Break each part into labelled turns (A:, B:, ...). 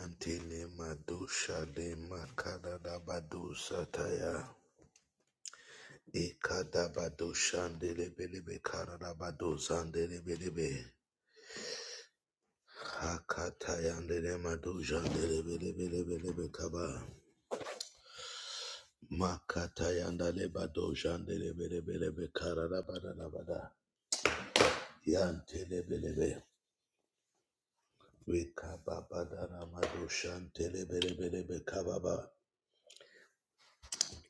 A: Antele madusha de makada da badusa taya. Ikada badusha ndele bele be kara da badusa ndele bele be. Hakata yandele madusha ndele bele bele bele be kaba. Makata yandele badusha ndele bele bele be kara da bada da bada. Yantele bele be. Wikaba bada da madusha ndele bele bele be kaba ba.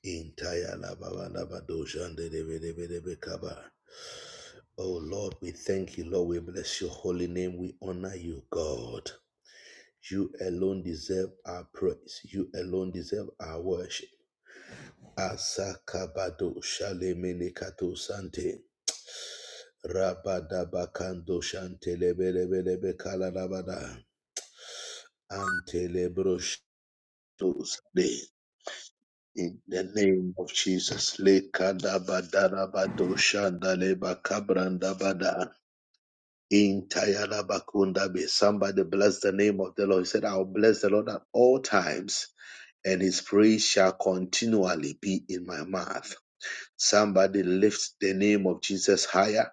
A: Intaya la baba la badusha ndele bele bele be kaba. Oh Lord, we thank you, Lord. We bless your holy name. We honor you, God. You alone deserve our praise. You alone deserve our worship. Asakabado shalemene kato sante. Rabadabakando shantelebelebelebe kalalabada. Antelebroshto sade. In the name of Jesus. Lekadabadalabado shandalebakabrandabada. In Tayalabakundabe. Somebody bless the name of the Lord. He said, I'll bless the Lord at all times, and his praise shall continually be in my mouth. Somebody lift the name of Jesus higher.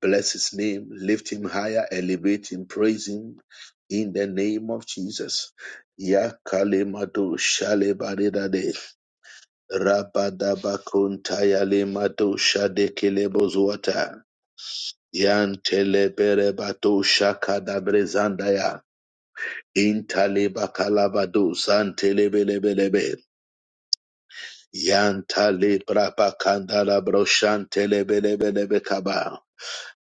A: Bless his name. Lift him higher. Elevate him. Praise him in the name of Jesus. Yakalemado shalebadedade. Rabadabakuntayalemato shadekelebozuata. Yantelebere bato shaka da brezandaya. Intale bakalabado santelebelebelebe. Yantale brabakandala broshantelebelebelebe kaba.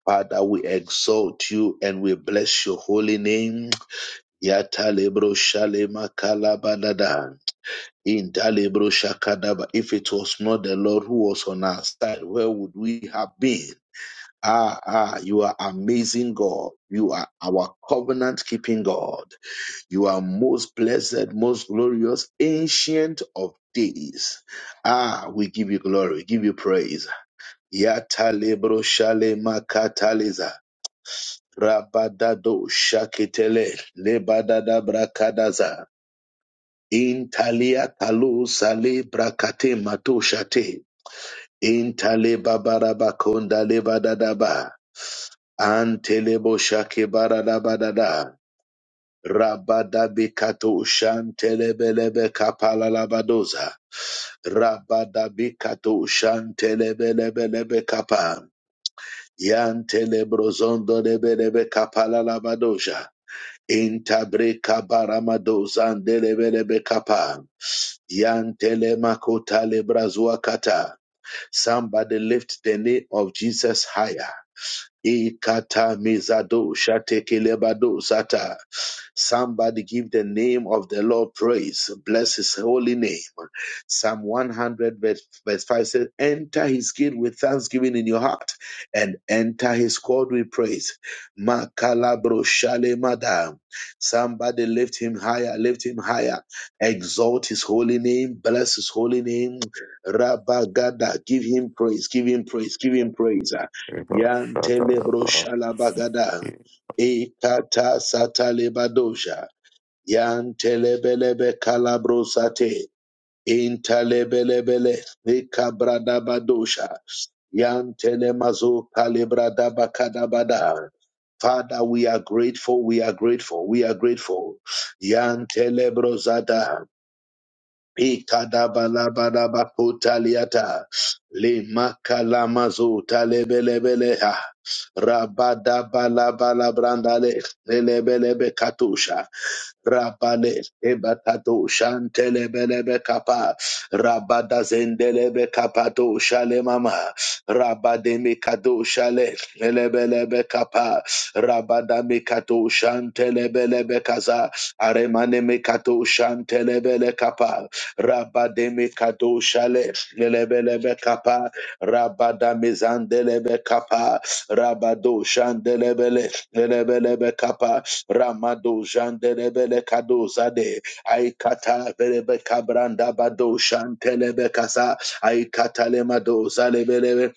A: Father, we exalt you and we bless your holy name. Yatale broshale makalabadada. Intale broshakadaba. If it was not the Lord who was on our side, where would we have been? Ah, ah, you are amazing God. You are our covenant keeping God. You are most blessed, most glorious, ancient of days. Ah, we give you glory, we give you praise. Yata lebro shale makataliza. Rabadado shakitele. Lebadada brakadaza. Intalia kalu sale brakate mato shate. Intale babarabakonda lebadadaba. Antelebo shakebarabadada. Rabadabikato shantelebelebe kapalalabadoza. Rabadabikato shantelebelebelebe kapa. Yantelebrozonde lebelebe kapalalabadoja. Intabreka baramadoza ndelebelebe kapa. Yantelemakota lebrazua kata. Somebody lift the name of Jesus higher. Ikata mizado shatekelebado sata. Somebody give the name of the Lord praise. Bless his holy name. Psalm 100 verse, verse 5 says, Enter his gate with thanksgiving in your heart and enter his court with praise. Makalabro shalemada. Somebody lift him higher, lift him higher. Exalt his holy name. Bless his holy name. Rabagada. Give him praise, give him praise, give him praise. Yantelebro shalabagada. Ikata satalebadosha. Yantelebelebe kalabro sate. Intalebelebele. Ikabradabadosha. Yantelemazo kalibradabakadabada. Father, we are grateful. We are grateful. We are grateful. Yantelebro zada. Ikadabalabadabakotaliata. Lemakalamazo talebelebeleha. Rabadabalabalabrandale. Lelebelebe katusha. Rabale ebakato shantelebelebe kapa rabada zendelebe kapato shale mama rabade mikato shale lebelebe kapa rabada mikato shantelebelebe kaza aremane mikato shantelebele kapa Rabademe kadoshale lelebelebe kapa rabadamizandelebe kapa rabadoshandelebele lelebelebe kapa ramadoshandelebele kadozade aikata belebe kabranda badoshantelebe kasa aikata lemadoza lebelebe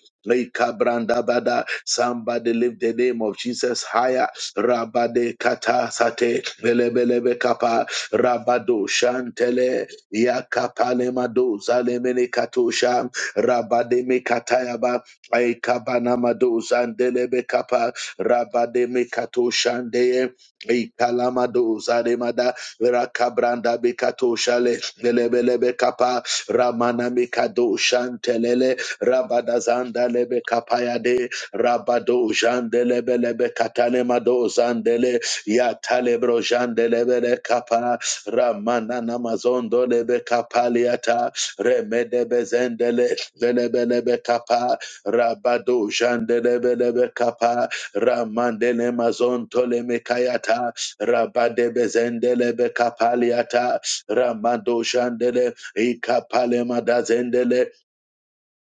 A: Kabranda bada somebody lift the name of Jesus higher. Rabade kata sate belebelebe kapa rabado shantele Yakapalemado zalemene katosha rabademe katayaba aikabanamado zandelebe kapa rabade rabademe katoshandeye ikalamado zalemada rakabranda bekatosha le lelebelebe kapa ramana mikado shantelele rabada zanda zandalebe kapayade rabado jandelebelebe katalemado zandele yatalebro jandelebele kapa Ramana namazondo lebe kapaliata remede bezendele lebe lebe kapa rabado jandelebe lebe lebe kapa ramandele mazonto le mekayata rabade bezendele be kapaliata ramado jandele ikapale madazendele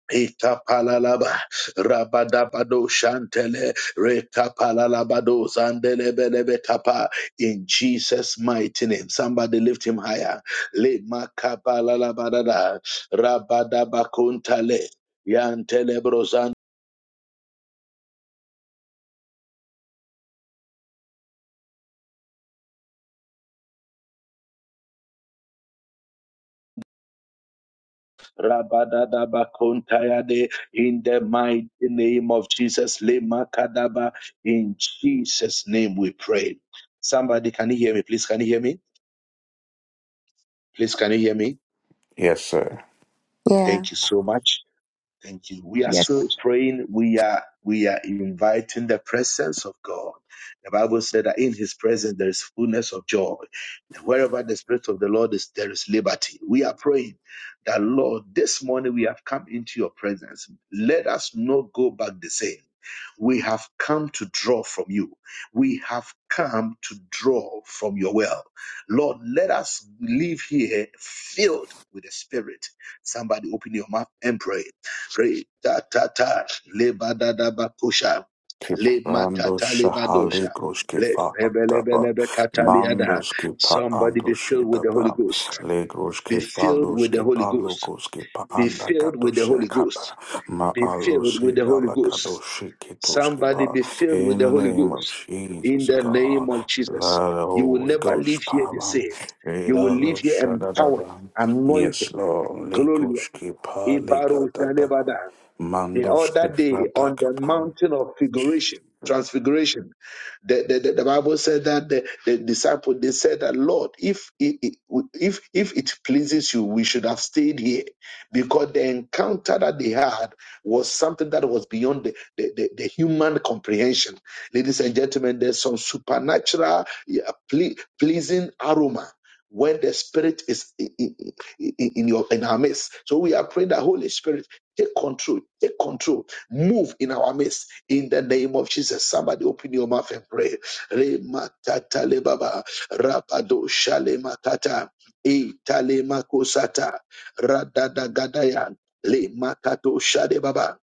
A: Ikapalalaba, rabadabado shantele, rekapalalabado zandelebelebe kapa. In Jesus' mighty name, somebody lift him higher. Le makapalalabadada, rabadabakuntale, yantelebrozan, rabadadabakuntayade. In the mighty name of Jesus, le makadaba. in Jesus' name we pray. Somebody, can you hear me? Please, can you hear me? Please, can you hear me?
B: Yes, sir.
C: Yeah.
A: Thank you so much. Thank you. We are
D: Yes
A: still praying. We are we are inviting the presence of God. The Bible said that in His presence there is fullness of joy, and wherever the Spirit of the Lord is, there is liberty. We are praying that Lord, this morning we have come into Your presence. Let us not go back the same. We have come to draw from you. We have come to draw from your well. Lord, let us live here filled with the Spirit. Somebody open your mouth and pray. Pray ta ta ta le badada bakusha le
B: Kiprando
A: makata le badosha
B: shahale groske
A: le
B: fa
A: lebe lebe
B: ataba.
A: lebe kataliada.
B: Mandos ke
A: Somebody
B: ando
A: be filled with the Holy
B: shetaba.
A: Ghost.
B: Le
A: Be
B: groske fa
A: filled with the
B: loske
A: Holy
B: pa
A: Ghost.
B: lokoske pa
A: Be
B: anda
A: filled
B: gato
A: with the Holy
B: shekaba.
A: Ghost.
B: Ma
A: Be
B: alo
A: filled with the Holy
B: vala gato
A: Ghost.
B: sheketoske
A: Somebody
B: pa.
A: be filled with
B: In
A: the
B: the
A: Holy
B: name of
A: Ghost. In
B: Jesus,
A: the name
B: God.
A: of Jesus,
B: Let the
A: you will
B: Holy
A: never leave
B: Ghost
A: here the
B: power.
A: same. You will
B: Elalo
A: leave here empowered,
B: shadadaba.
A: anointed,
B: Yes, Lord. Le
A: glorious.
B: groske pa le
A: Ibaro
B: gadaba.
A: the
B: Mandos
A: other
B: ke
A: day on the mountain of figuration, transfiguration, the, the, the, the Bible said that the, the disciple they said that Lord, if it, if if it pleases you, we should have stayed here, because the encounter that they had was something that was beyond the, the, the, the human comprehension. Ladies and gentlemen, there's some supernatural, yeah, ple- pleasing aroma when the Spirit is in, in, in your in our midst. So we are praying that Holy Spirit. Take control. Take control. Move in our midst. In the name of Jesus. Somebody open your mouth and pray. Remakatalebaba. Rapado shalemakata. Italemakosata. Radadagadaya. Lemakato shadebaba.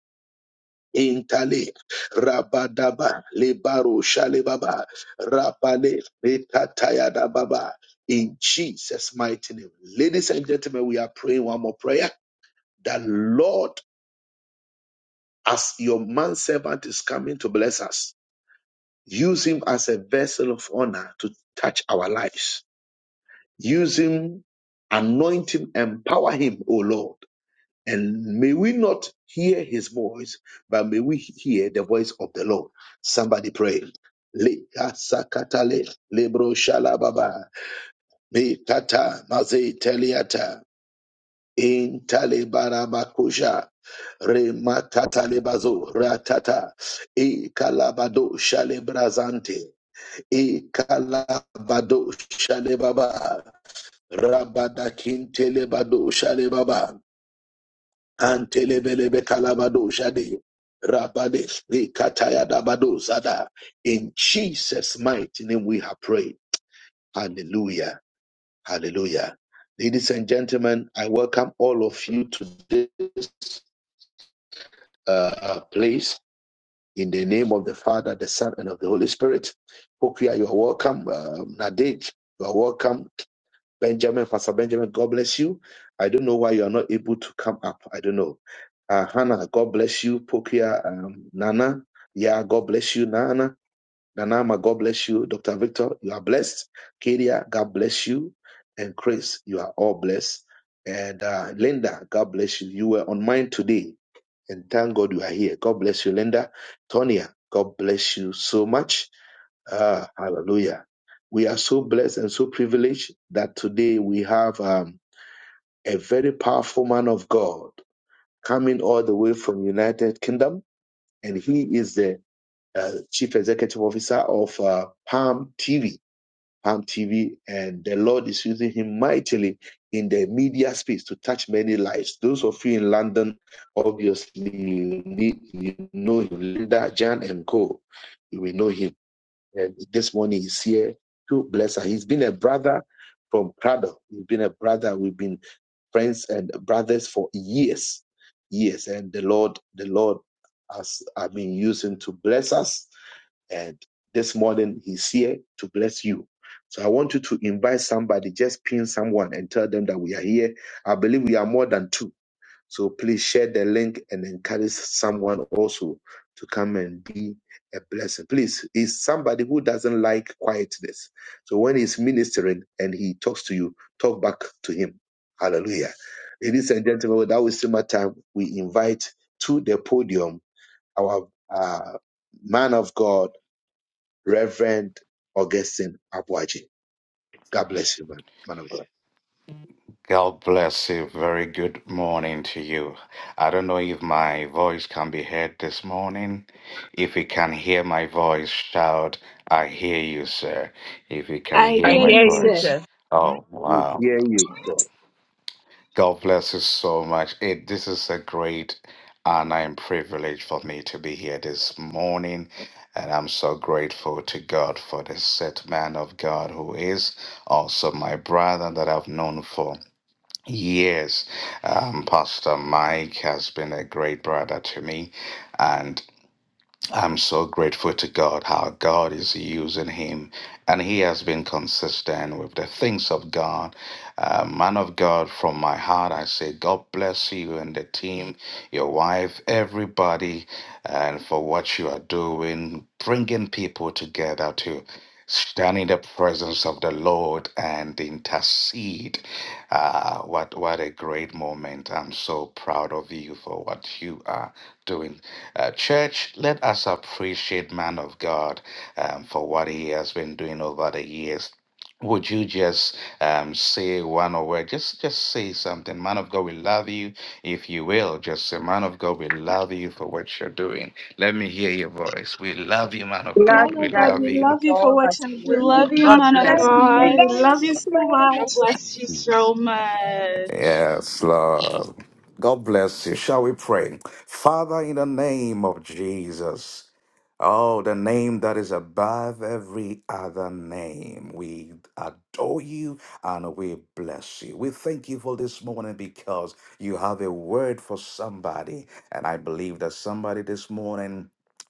A: Intale Rabadaba Lebaro Shalebaba Rabale Lekatayada Baba in Jesus' mighty name. Ladies and gentlemen, we are praying one more prayer. The Lord as your manservant is coming to bless us, use him as a vessel of honor to touch our lives. Use him, anoint him, empower him, O Lord. And may we not hear his voice, but may we hear the voice of the Lord. Somebody pray. Le asakatale lebro shalababa be kata maze teliata in tale Rematata lebazo ratata e kalabado shalebrazante e kalabado shalebaba rabada kintelebado shalebaba antelebelebe calabado shade rabade e kataya dabado sada in Jesus mighty name we have prayed hallelujah hallelujah ladies and gentlemen I welcome all of you to this uh, place In the name of the Father, the Son, and of the Holy Spirit. Pokia, you are welcome. Um, Nadej, you are welcome. Benjamin, Pastor Benjamin, God bless you. I don't know why you are not able to come up. I don't know. Uh, Hannah, God bless you. Pokia, um, Nana, yeah, God bless you. Nana, Nanama, God bless you. Dr. Victor, you are blessed. Kedia, God bless you. And Chris, you are all blessed. And uh, Linda, God bless you. You were on mine today and thank God you are here. God bless you, Linda. Tonya. God bless you so much. Ah, hallelujah. We are so blessed and so privileged that today we have um, a very powerful man of God coming all the way from United Kingdom, and he is the uh, chief executive officer of uh, Palm TV. Palm TV, and the Lord is using him mightily in the media space to touch many lives. Those of you in London, obviously, you, need, you know him, Linda, Jan, and Co. You will know him. And this morning he's here to bless her. He's been a brother from Cradle. He's been a brother. We've been friends and brothers for years, years. And the Lord, the Lord has, I mean, using to bless us and this morning, he's here to bless you. So I want you to invite somebody, just pin someone and tell them that we are here. I believe we are more than two. So please share the link and encourage someone also to come and be a blessing. Please, is somebody who doesn't like quietness. So when he's ministering and he talks to you, talk back to him. Hallelujah. Ladies and gentlemen, without wasting my time, we invite to the podium our uh, man of God. Reverend Augustine Abuaji. God bless you, man, man of God.
B: God bless you. Very good morning to you. I don't know if my voice can be heard this morning. If you can hear my voice, shout, I hear you, sir. If you can
E: I
B: hear
F: I
E: hear
B: my
F: hear
E: you,
F: you,
E: sir.
B: voice.
F: sir.
B: Oh,
A: We
B: wow.
A: hear you, sir.
B: God bless you so much. It, this is a great honor and privilege for me to be here this morning. And I'm so grateful to God for this set man of God who is also my brother that I've known for Yes, um, Pastor Mike has been a great brother to me, and I'm so grateful to God how God is using him, and he has been consistent with the things of God. Uh, man of God, from my heart, I say, God bless you and the team, your wife, everybody, and for what you are doing, bringing people together to stand in the presence of the Lord and intercede. Ah, what what a great moment! I'm so proud of you for what you are doing uh, church, let us appreciate man of God um, for what he has been doing over the years. Would you just um, say one or word? Just, just say something. Man of God, we love you. If you will, just say, Man of God, we love you for what you're doing. Let me hear your voice. We love you, man of
F: Love
E: Man
B: God.
F: you,
B: We
E: of God,
B: love
E: we
F: Daddy,
B: you.
E: love
F: for
E: you for
F: all
E: what
F: that
E: you're
F: you
G: We
F: do. sir.
G: love
E: doing.
G: you,
F: God
E: God
G: man
F: bless
G: of
E: bless you.
G: God.
E: We
G: God
E: love
F: you.
E: you so much.
G: bless you so much.
B: Yes, Lord. God bless you. Shall we pray? Father, in the name of Jesus, oh, the name that is above every other name, we adore you and we bless you. We thank you for this morning because you have a word for somebody. And I believe that somebody this morning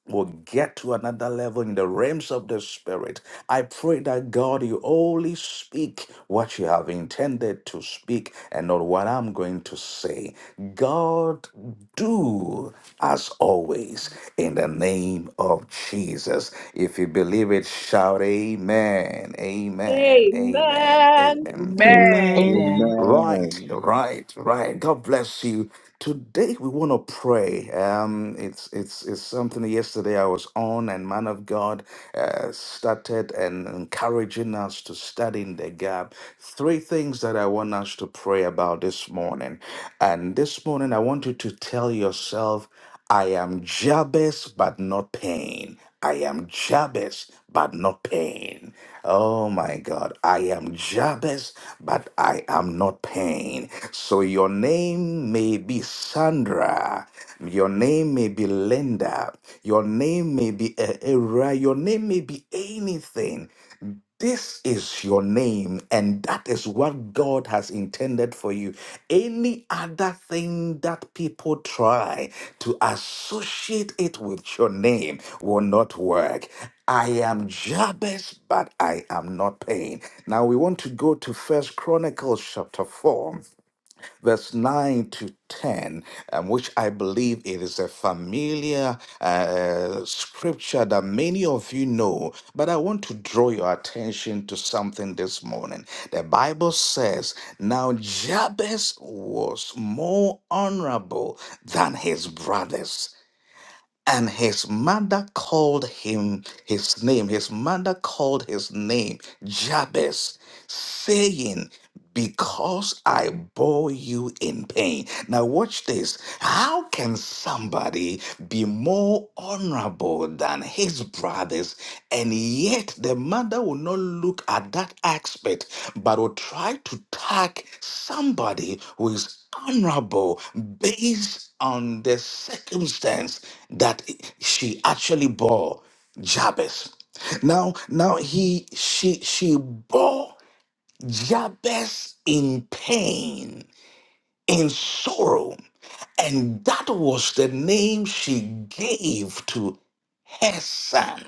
B: will get to another level in the realms of the spirit. I pray that God, you only speak what you have intended to speak and not what I'm going to say. God, do as always in the name of Jesus. If you believe it, shout amen, amen, amen,
E: Amen.
B: amen.
F: Amen.
C: Amen.
H: Amen.
B: Right,
A: Amen.
B: right, right. God bless you. Today we want to pray. Um, it's it's it's something. that Yesterday I was on, and man of God uh, started and encouraging us to study in the gap. Three things that I want us to pray about this morning, and this morning I want you to tell yourself, "I am Jabez, but not pain. I am Jabez, but not pain. Oh my God. I am Jabez, but I am not pain. So your name may be Sandra. Your name may be Linda. Your name may be Era. Your name may be anything. This is your name, and that is what God has intended for you. Any other thing that people try to associate it with your name will not work. I am Jabez, but I am not pain. Now we want to go to First Chronicles chapter 4 verse 9 to 10, um, which I believe it is a familiar uh, scripture that many of you know, but I want to draw your attention to something this morning. The Bible says, Now Jabez was more honorable than his brothers and his mother called him his name. His mother called his name Jabez, saying, Because I bore you in pain. Now, watch this. How can somebody be more honorable than his brothers, and yet the mother will not look at that aspect, but will try to tag somebody who is honorable based on the circumstance? that she actually bore Jabez. Now, now he she she bore Jabez in pain, in sorrow, and that was the name she gave to her son.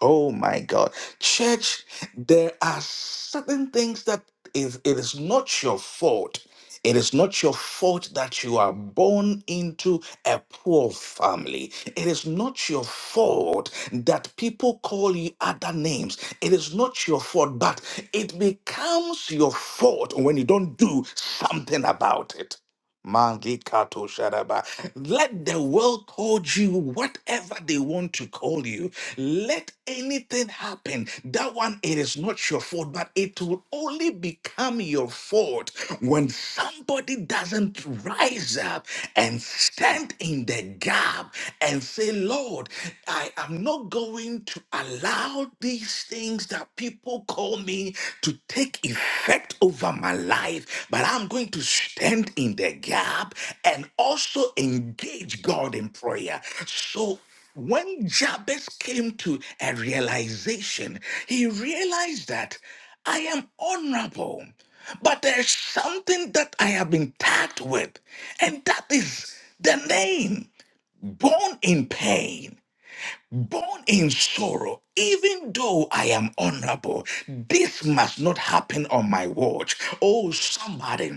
B: Oh my God. Church, there are certain things that is it is not your fault. It is not your fault that you are born into a poor family. It is not your fault that people call you other names. It is not your fault, but it becomes your fault when you don't do something about it. Mangikato Sharaba. Let the world call you whatever they want to call you. Let anything happen. That one, it is not your fault, but it will only become your fault when somebody doesn't rise up and stand in the gap and say, Lord, I am not." going to allow these things that people call me to take effect over my life, but I'm going to stand in the gap and also engage God in prayer. So when Jabez came to a realization, he realized that I am honorable, but there's something that I have been tagged with, and that is the name born in pain born in sorrow, even though I am honorable, this must not happen on my watch. Oh, somebody,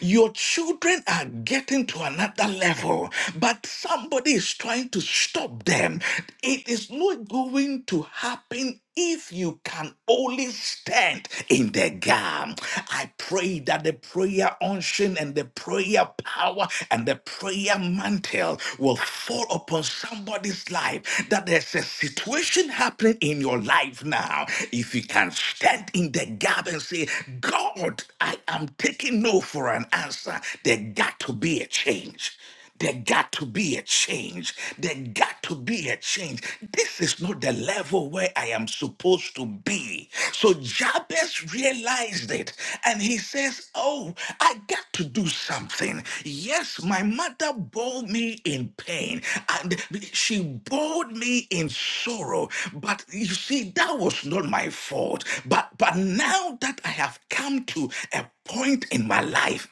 B: your children are getting to another level, but somebody is trying to stop them. It is not going to happen if you can only stand in the gap. I pray that the prayer unction and the prayer power and the prayer mantle will fall upon somebody's life. That there's a situation happening in your life now. If you can stand in the gap and say, God, I am taking no for an an answer, there got to be a change. There got to be a change. There got to be a change. This is not the level where I am supposed to be. So Jabez realized it and he says, Oh, I got to do something. Yes, my mother bore me in pain and she bore me in sorrow. But you see, that was not my fault. But but now that I have come to a point in my life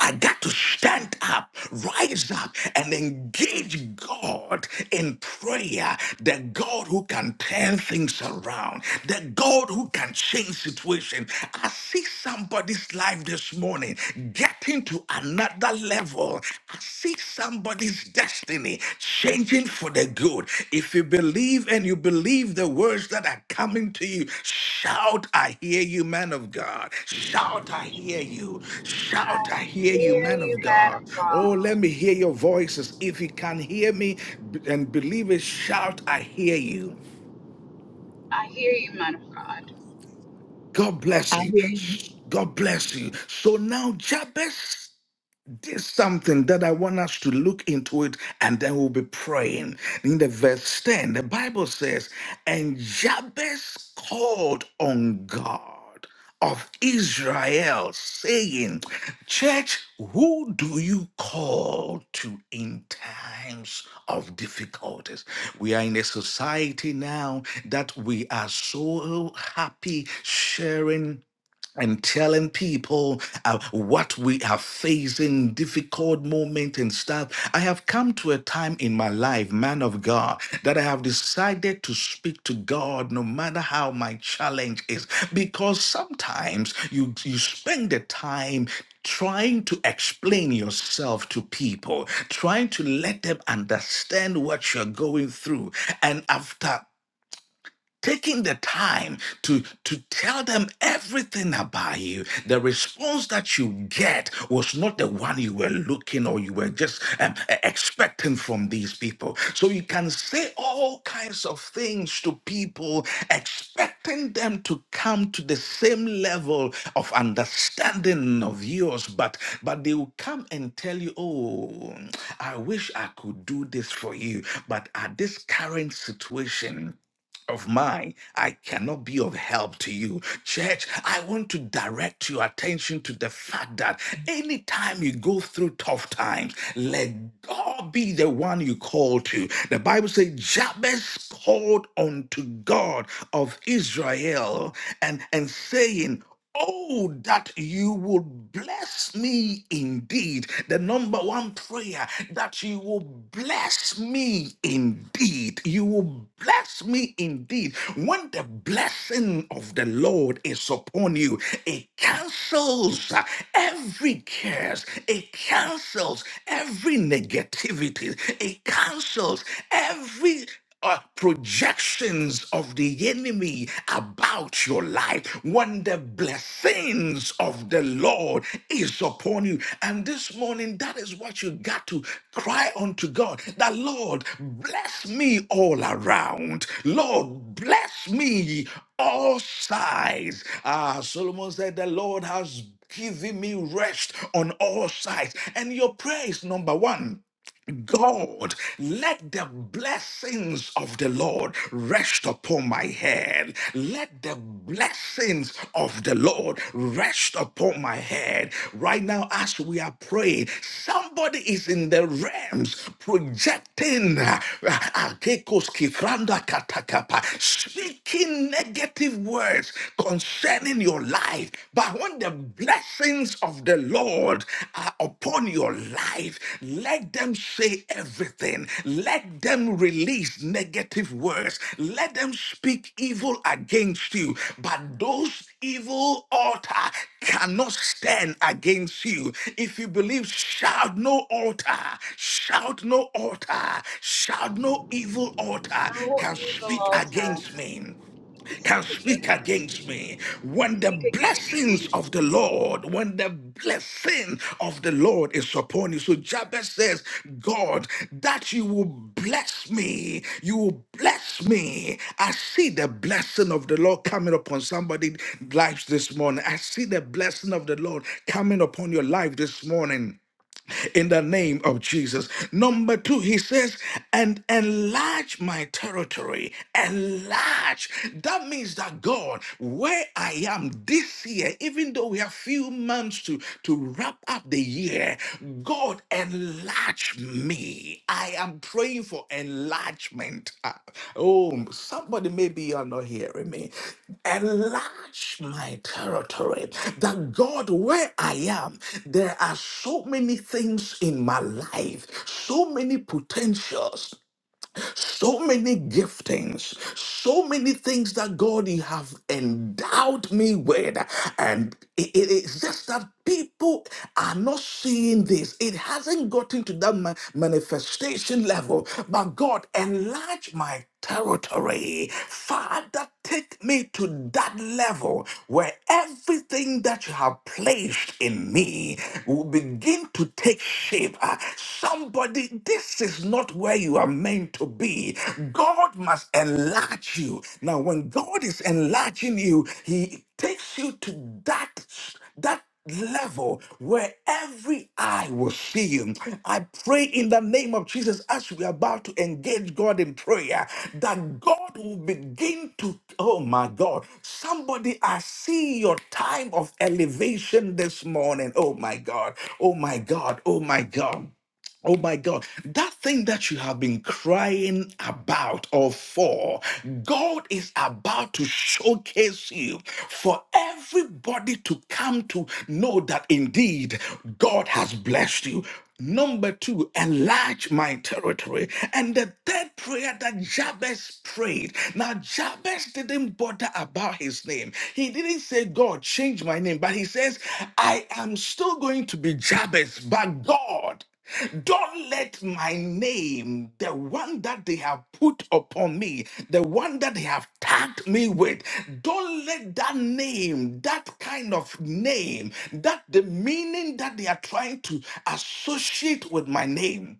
B: I got to stand up, rise up, and engage God in prayer. The God who can turn things around, the God who can change situations. I see somebody's life this morning getting to another level. I see somebody's destiny changing for the good. If you believe and you believe the words that are coming to you, Shout, I hear you, man of God. Shout, I hear you. Shout, I
G: I
B: hear you,
G: hear
B: man
G: you,
B: of
G: man
B: God.
G: of
B: Oh,
G: God.
B: let me hear your voices. If you can hear me b- and believe it, shout, I hear you.
G: I hear you, man of God.
B: God
H: I
B: bless you.
H: hear you.
B: God bless you. So now, Jabez. there's something that I want us to look into it, and then we'll be praying. In the verse 10, the Bible says, And Jabez called on God of Israel, saying, Church, who do you call to in times of difficulties? We are in a society now that we are so happy sharing and telling people uh, what we are facing, difficult moment and stuff. I have come to a time in my life, man of God, that I have decided to speak to God no matter how my challenge is, because sometimes you you spend the time trying to explain yourself to people, trying to let them understand what you're going through, and after taking the time to to tell them everything about you the response that you get was not the one you were looking or you were just um, e- expecting from these people so you can say all kinds of things to people expecting them to come to the same level of understanding of yours but but they will come and tell you oh i wish i could do this for you but at this current situation of mine, I cannot be of help to you. Church, I want to direct your attention to the fact that anytime you go through tough times, let God be the one you call to. The Bible says, Jabez called unto God of Israel and, and saying, Oh, that you would bless me indeed. The number one prayer that you will bless me indeed. You will bless me indeed. When the blessing of the Lord is upon you, it cancels uh, every curse, it cancels every negativity, it cancels every uh, projections of the enemy about your life when the blessings of the lord is upon you and this morning that is what you got to cry unto god that lord bless me all around lord bless me all sides ah solomon said the lord has given me rest on all sides and your prayer is number one God, let the blessings of the Lord rest upon my head. Let the blessings of the Lord rest upon my head. Right now, as we are praying, somebody is in the realms projecting, uh, Akekos kifranda katakapa, speaking negative words concerning your life. But when the blessings blessings of the Lord are upon your life. Let them say everything. Let them release negative words. Let them speak evil against you. But those evil altar cannot stand against you. If you believe, shout no altar, shout no altar, shout no evil altar
G: No
B: can
G: evil
B: speak
G: altar
B: against me
G: can
B: can
G: speak
B: speak
G: against me.
B: against me. When the
G: Speak against me.
B: blessings of the Lord, when the blessing of the Lord is upon you. So Jabez says, God, that you will bless me. You will bless me. I see the blessing of the Lord coming upon somebody's lives this morning. I see the blessing of the Lord coming upon your life this morning in the name of Jesus. Number two, he says, and enlarge my territory. Enlarge. That means that God, where I am this year, even though we have few months to, to wrap up the year, God enlarge me me. I am praying for enlargement. Ah, Oh, somebody maybe you're not hearing me. Enlarge my territory. That God, where I am, there are so many things in my life, so many potentials, so many giftings, so many things that God you have endowed me with. And it it is just that people are not seeing this. It hasn't gotten to that ma- manifestation level. But God, enlarge my territory. Father, take me to that level where everything that you have placed in me will begin to take shape. Uh, Somebody, this is not where you are meant to be. God must enlarge you. Now, when God is enlarging you, He takes you to that that level where every eye will see him. I pray in the name of Jesus as we are about to engage God in prayer that God will begin to, oh my God, somebody, I see your time of elevation this morning. Oh my God, oh my God, oh my God. Oh my God, that thing that you have been crying about or for, God is about to showcase you for everybody to come to know that indeed God has blessed you. Number two, enlarge my territory. And the third prayer that Jabez prayed. Now, Jabez didn't bother about his name. He didn't say, God, change my name. But he says, I am still going to be Jabez, but God. Don't let my name, the one that they have put upon me, the one that they have tagged me with, don't let that name, that kind of name, that the meaning that they are trying to associate with my name,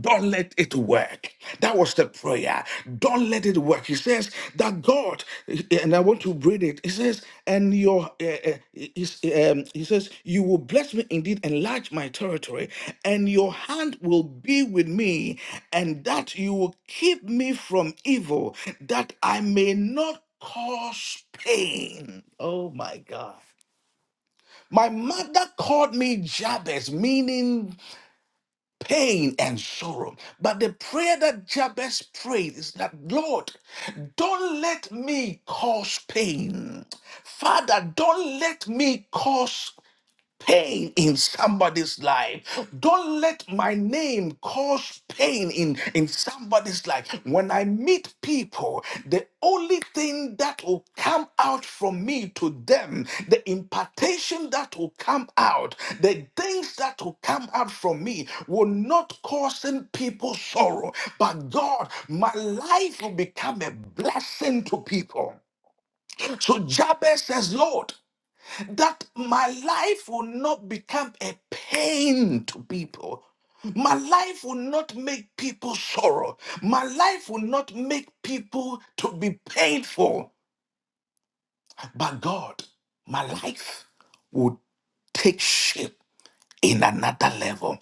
B: don't let it work. That was the prayer. Don't let it work. He says that God, and I want to read it. He says, and your, uh, uh, he's- um, he says, you will bless me indeed, enlarge my territory, and your hand will be with me, and that you will keep me from evil, that I may not cause pain. Oh my God. My mother called me Jabez, meaning pain and sorrow. But the prayer that Jabez prayed is that, Lord, don't let me cause pain. Father, don't let me cause pain in somebody's life. Don't let my name cause pain in, in somebody's life. When I meet people, the only thing that will come out from me to them, the impartation that will come out, the things that will come out from me will not cause people sorrow. But God, my life will become a blessing to people. So Jabez says, Lord, that my life will not become a pain to people. My life will not make people sorrow. My life will not make people to be painful. But God, my life will take shape in another level.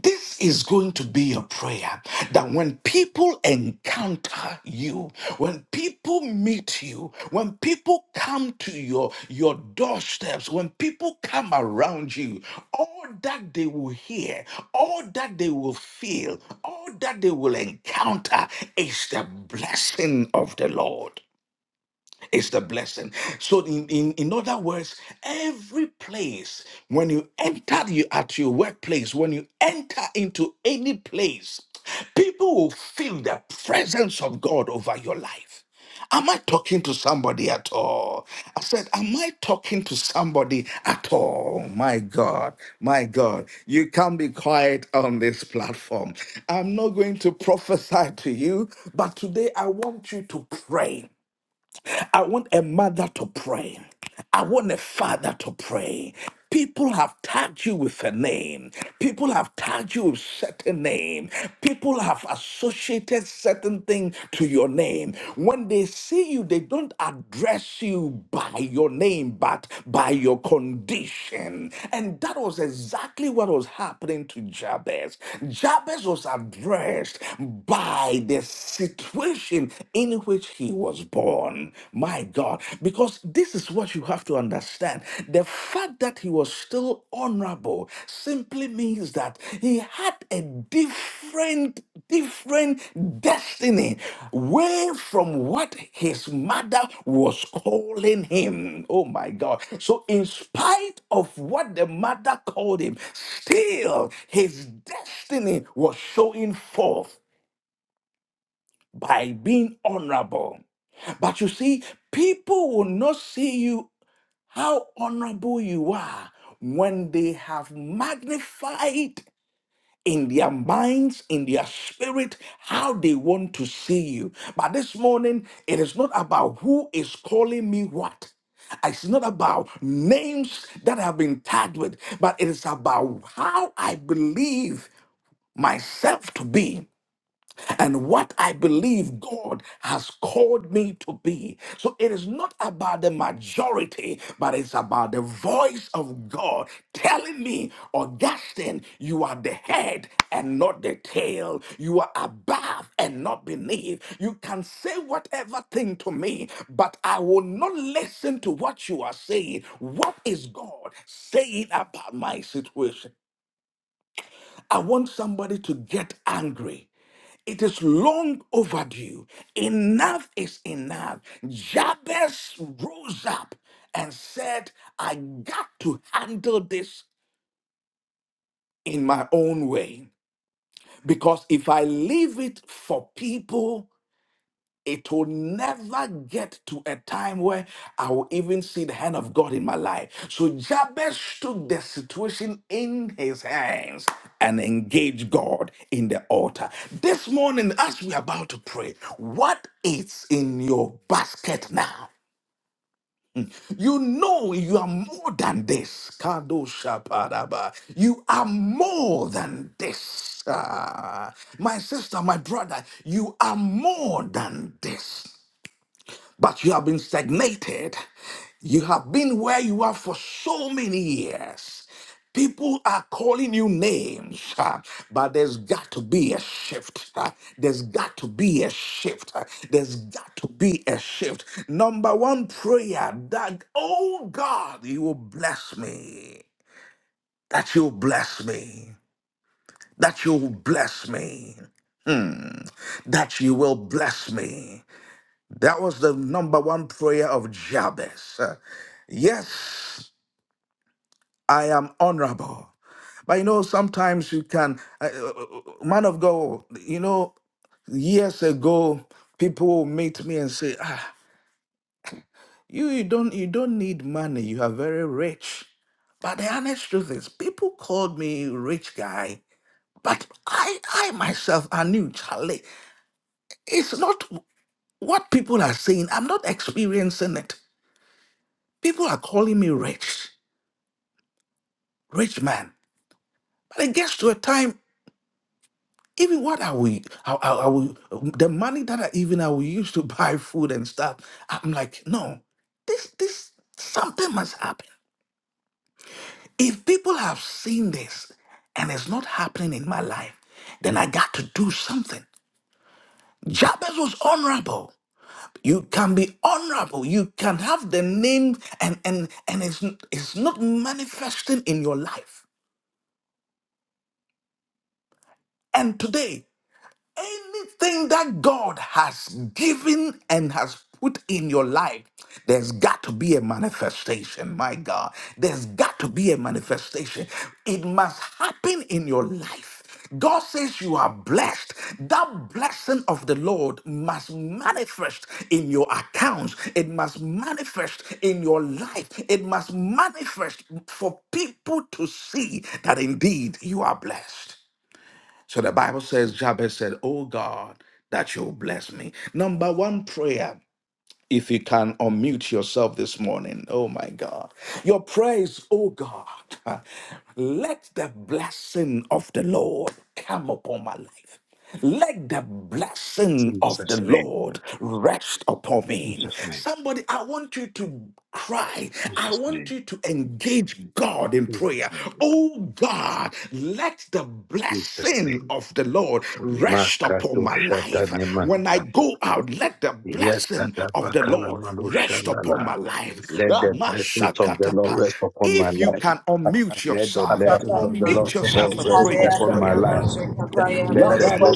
B: This is going to be your prayer that when people encounter you, when people meet you, when people come to your, your doorsteps, when people come around you, all that they will hear, all that they will feel, all that they will encounter is the blessing of the Lord is the blessing. So, in, in, in other words, every place when you enter you at your workplace, when you enter into any place, people will feel the presence of God over your life. Am I talking to somebody at all? I said, Am I talking to somebody at all? My God, my God, you can't be quiet on this platform. I'm not going to prophesy to you, but today I want you to pray. I want a mother to pray. I want a father to pray. People have tagged you with a name. People have tagged you with certain name. People have associated certain thing to your name. When they see you, they don't address you by your name, but by your condition. And that was exactly what was happening to Jabez. Jabez was addressed by the situation in which he was born. My God, because this is what you have to understand. The fact that he was still honorable simply means that he had a different, different destiny way from what his mother was calling him. Oh my God. So, in spite of what the mother called him, still his destiny was showing forth by being honorable. But you see, people will not see you how honorable you are when they have magnified in their minds, in their spirit, how they want to see you. But this morning, it is not about who is calling me what. It's not about names that I've been tagged with, but it is about how I believe myself to be and what I believe God has called me to be. So it is not about the majority, but it's about the voice of God telling me, Augustine, you are the head and not the tail. You are above and not beneath. You can say whatever thing to me, but I will not listen to what you are saying. What is God saying about my situation? I want somebody to get angry it is long overdue. Enough is enough. Jabez rose up and said, I got to handle this in my own way. Because if I leave it for people it will never get to a time where I will even see the hand of God in my life. So Jabez took the situation in his hands and engaged God in the altar. This morning, as we're about to pray, what is in your basket now? You know you are more than this. Kadoshaparaba. You are more than this. Ah, my sister, my brother, you are more than this but you have been stagnated. You have been where you are for so many years. People are calling you names, uh, but there's got to be a shift. uh, there's got to be a shift. uh, there's got to be a shift. Number one prayer that, oh God, you will bless me. That you'll bless me. That you'll bless me. Hmm. That you will bless me. That was the number one prayer of Jabez. Uh, Yes, I am honorable. But you know, sometimes you can, uh, uh, uh, man of God, you know, years ago, people will meet me and say, ah, you, you don't you don't need money, you are very rich. But the honest truth is, people called me rich guy, but I, I myself, I knew Charlie. It's not what people are saying. I'm not experiencing it. People are calling me rich. rich man. But it gets to a time, even what I will, I, I, I will, the money that I even I will use to buy food and stuff, I'm like, no, this, this, something must happen. If people have seen this and it's not happening in my life, then I got to do something. Jabez was honorable. You can be honorable. You can have the name and and and it's, it's not manifesting in your life. And today anything that God has given and has put in your life, there's got to be a manifestation. My God, there's got to be a manifestation. It must happen in your life. God says you are blessed. That blessing of the Lord must manifest in your accounts. It must manifest in your life. It must manifest for people to see that indeed you are blessed. So the Bible says, Jabez said, Oh God, that you'll bless me. Number one prayer, if you can unmute yourself this morning, oh my God. Your praise, oh God, let the blessing of the Lord come upon my life. Let the blessing of the
A: Jesus' name.
B: Lord rest upon me.
A: Jesus' name.
B: Somebody, I want you to cry. I want you to engage God in
A: Jesus'
B: prayer. Oh God, let the blessing
A: name.
B: of the Lord rest upon my life. When I
A: Makatanyamana.
B: go out, let the blessing of the Lord
A: Yatatabakalama.
B: rest upon my life.
A: Let the blessings of the Lord
B: Ramashakatapa.
A: rest upon my
B: If you
A: life.
B: can
I: Let
B: unmute
A: Let
B: yourself,
I: Bless,
A: Lord
B: unmute
A: all
B: yourself and pray this
G: Hallelujah.
B: prayer.
A: life. Let
B: Labado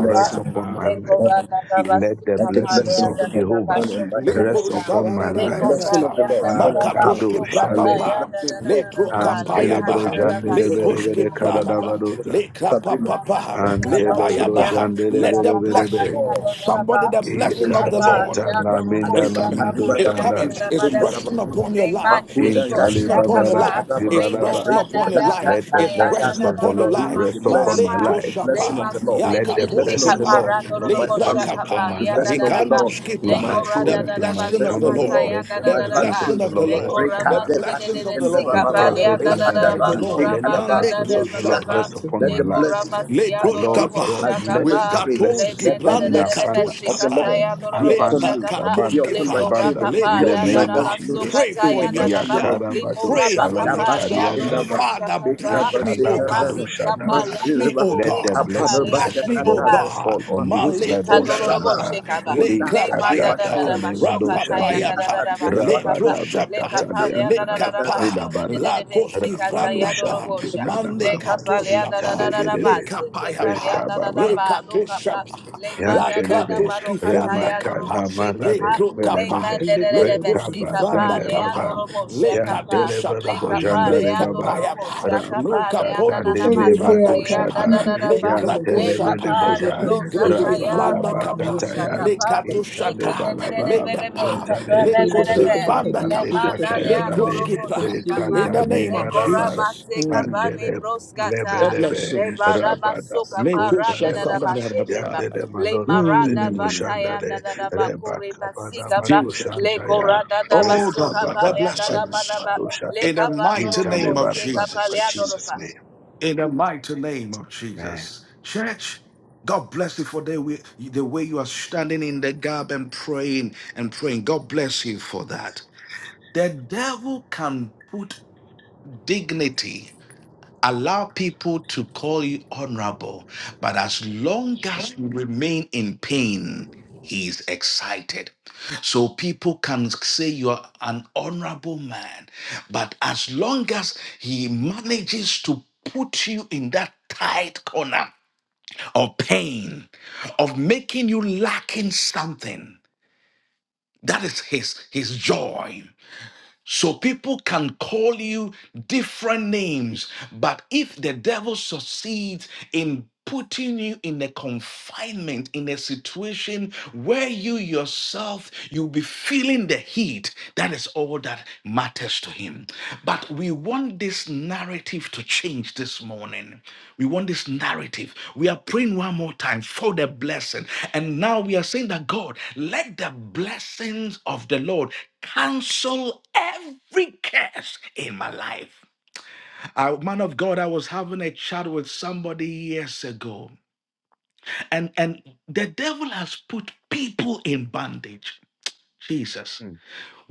I: blessing of the Lord. fall on me.
A: let
I: Let the blessing of
A: of
I: the Lord
H: Amen.
A: Cuba
I: fall on Michael and
B: Lebo
I: Leah. Let the
A: rise.
I: blessing of the
B: shabararararaha.
I: Lord fall
A: Ah,
I: on Alan.
B: Makatoshke
I: Let the
A: Kade,
B: prapapa.
I: blessing of the
B: Le
I: Lord fall on
H: It's
A: and
H: not a
I: Syria.
B: prokapayabaha.
H: computer
I: Let the
H: to
A: Chandere
B: Le
I: blessing
H: receive
I: of
H: it
I: the
H: and
B: koshke
H: not
I: Lord
B: pralaba.
I: fall on
A: Rosa,
B: Le
I: Sabrina.
B: kapapapaha.
A: and
B: Le
I: Rakabachi
A: Lebe,
I: Let
B: payabaha.
I: the
B: Let
I: blessing of
B: the
I: the
B: blessing,
I: Lord fall.
B: somebody the blessing of the Lord.
A: Ekatata,
H: for the care of
A: Naminda,
B: It's coming.
H: receiving.
B: It's
A: Namado,
B: coming. It's resting upon your life.
A: In
B: It's resting upon your
A: Talibabara,
B: life. It's
A: Libalaba,
B: resting upon your life.
A: let the
B: It's
A: blessings
B: resting
A: of the
B: upon your
A: Lord
I: Hey,
B: life.
A: rest
I: The
A: upon
I: blessing,
A: my
G: Lake
B: Maleko
I: the
A: life.
G: Le
I: blessing
B: shapa,
I: of the Lord,
G: masunde de
A: Let
I: the
A: the
G: de de
I: blessing of the
A: blessings of
I: Lord
B: yakatoskipa,
G: kapara
A: the
G: no no
I: on
G: no
A: Lord
I: my
B: libra
G: bosha
A: rest
I: family,
A: upon
B: kapa,
A: my
I: the
G: kapalia da
A: life.
I: blessing
G: da
I: of
G: da
I: the
G: ba
I: Lord on
G: le
A: In
I: my
A: my
B: ligandoskipra.
G: kora
B: The
G: da
I: children,
A: goings,
G: da da
A: in
I: the
G: ba
A: my
B: blessing
G: so
B: of
I: blessing
B: the
I: of the
A: comings,
I: Lord
G: kataya
B: Lord.
A: let
G: da
A: the
I: on
G: da
I: my
B: The
G: da da
A: blessings
G: ba
A: of
B: blessing
A: the
B: of
I: grandchildren.
B: the
A: Lord
G: le
A: rest
B: Lord.
G: kora
A: upon
I: Reka
B: The
G: ma
A: my
G: ke de
A: life.
I: deba
G: de de
B: blessings of
G: de
B: the
G: si
I: shekendeba
A: In
B: Lord.
H: That
I: baba.
H: is
B: The
H: a
G: kapalia da
H: bit
A: everything
G: da
I: Reka
H: of
A: that
H: a
B: blessings
G: da
A: I
B: of
G: ba
B: the
I: daba
H: mercy
A: do,
B: Lord.
G: kora
H: with
A: let
G: ba
A: the
H: the
G: ka
I: shekadaba.
G: da
A: blessings
G: de
B: Maleko
I: Ye
A: of the Lord
I: shaka.
A: rest
B: shapa.
A: upon
I: Let
H: again
G: le
A: my
I: the
A: life.
H: and the
G: kora ma
H: four
I: blessing
G: si
B: Le
I: like,
G: no
H: person.
G: no no
A: Lord
I: this,
B: kroshkapa,
A: God,
G: bosha
I: like
A: let
B: we
I: Jabez
A: the
G: kapa
I: prayed,
B: katos
G: Le
A: blessings
G: men
I: let
G: de
A: be
I: that
G: de
A: in
G: de
B: gibranda
G: de de
I: blessing
G: meshi
I: of
A: abundance,
I: the Lord
B: katoskapan,
G: kataya
H: Amen.
I: be
B: le
G: ndororobo
I: upon
B: pa
I: me,
A: abundance,
G: shakapa.
I: be upon
A: abundance,
I: my
G: Limo
B: katoskefa,
I: children,
A: abundance.
B: le
G: rakapa
I: be
A: In the
G: la
I: upon
G: da
I: my
A: name
G: da
A: of
B: groshapa.
G: baso
I: grandchildren,
A: Jesus.
B: Pray
I: in
B: for
I: the
G: kataya da da
I: mighty
G: ba.
I: name of
B: yourself.
I: Jesus.
G: Limo
A: Yakarabado
B: Pray
G: raba
I: That
B: for
G: kapa le
B: yourself.
A: Shalabitariada
G: andorobo
I: Yakabashikindaba,
B: Father, bless
G: shakata.
B: me, O
G: Le
A: Rekanabado
G: masi
I: Bekabashikadaba,
B: God.
G: kapa
A: Shadada.
G: la
B: Bless me,
I: Mashireba,
B: O
G: braso
A: Let
G: we
A: the
B: God.
G: kapa le
A: blessings of
B: Bless
G: da
A: the
G: da
B: me, O
A: Lord
G: ba.
I: Kabarabashakadaba,
B: God.
A: fall on me.
B: Maleko
A: Lebro
G: Ikanorobo
I: Makushikindalaba,
A: Shadaba.
B: shapa,
G: shekaba.
B: le
A: E
G: Le
A: ta ta
G: manda da
A: ta
G: da
B: krapayapa,
A: ta
G: da
I: Olakadebashu,
A: le mando
G: bashoka taya da
A: shaden.
G: da da
B: rakapayapa,
G: da
B: le
G: bashoka
I: Iborobokatandeyabashu,
G: pla.
A: Rabada be ta
G: Le
B: proshapa,
A: ta
G: kapa
A: le
G: le
B: le
G: da da da
A: adona.
G: da
A: Me
I: Rekabashakadaba,
B: kapa,
G: bashon de de
A: labada.
G: de
B: la
G: de
B: koski
G: bezika
A: Rabado
B: franda
G: taya
B: pa,
A: shadu
G: dorobo
A: be
G: sha.
B: mande
G: Le
A: kadaba.
G: kapa le da
A: Inta
G: da
B: shapa,
G: da
A: le
G: da
A: be
G: da
A: de
B: leka
G: basi
A: be.
G: pa le
B: payapa,
G: da da da ba
B: leka to
G: lo kapa.
B: shapa,
G: Le
B: la
G: manda da da
A: Yantelebe,
B: kratoski
G: baroka
B: franda
G: taya
A: Remaka,
G: dorobo
B: kapa,
A: Namandale,
G: pa.
B: lekro
G: Le
B: kapa,
A: Belebele,
G: manda
H: It
G: da
H: is
G: da
H: a
G: da
H: bit of a
G: basi
B: lekroski
A: Rekaba,
H: mercy that
G: kapa
B: franda
G: le
A: Talebaba,
B: kapa,
G: andoro bosha
B: leka to
G: kapa
A: Yantelebe,
G: le
B: shapa,
H: they can receive it is a
G: kapa
A: Bojanda
G: le
H: little
A: de
B: leka
H: bit.
A: Baba,
G: andoro
B: payapa,
G: bosha kapa
B: luka
G: le
A: Rabaka,
G: anana na
A: Tande,
H: And
B: pondoski
H: the
G: masi
B: franda
H: girl
G: te
H: can
G: ya da
B: kapa,
H: see
G: da
A: Nemadoshada,
G: da
H: the
G: da
B: le
G: ba
H: woman in the
B: ko
G: le
H: car with
A: Yantelebe,
H: the
B: shapa,
G: kapa
H: kid
G: le
H: up
A: Boza,
H: on the
G: rosa ta
H: city
B: legroski
H: for the
G: ya
A: Rabada,
B: franda
H: one who
G: andoro
H: can
B: kapa,
H: get
G: bosha
H: this.
A: Bakataya,
B: le
G: kapa
H: But
B: to
G: le kende
A: Intaleba,
B: shata,
G: de de de be
A: Labanaba,
B: leka
G: le be
B: pa,
G: kapa
A: Kuntale,
G: le
H: in
B: leko
G: be
H: the
G: le
B: se
H: photo, of the
G: be
B: franda
A: Rabada,
H: cabin,
G: Le
H: see the
B: kapa,
G: manda
H: photo,
G: de
H: of the
A: Bekataya,
H: man
A: Dade,
H: in
B: lekroski
H: the
G: adorobo
B: pra.
H: first city and
G: shikapa,
B: In
A: Rekata,
H: then
B: the
H: in the
B: name
G: le
B: of
H: car.
A: Mindaraba,
G: korama
B: Jesus.
G: sekapa
B: Mm
G: le
A: Antele,
B: the
G: broskata,
A: Lebelebe,
G: le
B: blessings.
G: barama
A: Rabada,
G: soka
B: Make us
G: paranda na
B: suffer.
G: na
B: da,
A: Bakuntaleba,
B: da,
G: bashikepa,
A: Yandere
G: le
A: Madonna
G: maranda
A: Madere
B: Mm,
G: vataya na
A: Boshandare
G: na na
A: Reba
G: bakore
A: Kabada
G: basikapa,
A: Bado
B: Jesus.
G: le
A: Shantaya
G: koranda da
B: Oh
A: Reta
G: basoka
B: God,
G: pa
B: the
A: Baba
G: le na na ba
A: Bado
G: na
B: blessings.
G: ba,
A: Bado
G: le
A: Shata
B: In the
G: kava
B: mighty
A: Intale
B: name
G: dororobo
B: of
A: Barabana
G: shikapa le
A: by
B: Jesus.
A: Jesus'
G: adoroba.
A: name.
B: In the mighty name of
A: Man.
B: Jesus. Church, God bless you for the way, the way you are standing in the gap and praying and praying. God bless you for that. The devil can put dignity Allow people to call you honorable, but as long as you remain in pain, he is excited. So people can say you're an honorable man, but as long as he manages to put you in that tight corner of pain, of making you lacking something, that is his his joy. So people can call you different names, but if the devil succeeds in putting you in a confinement in a situation where you yourself you'll be feeling the heat that is all that matters to him but we want this narrative to change this morning we want this narrative we are praying one more time for the blessing and now we are saying that god let the blessings of the lord cancel every curse in my life. A man of God, I was having a chat with somebody years ago, and, and the devil has put people in bondage. Jesus.
A: Mm,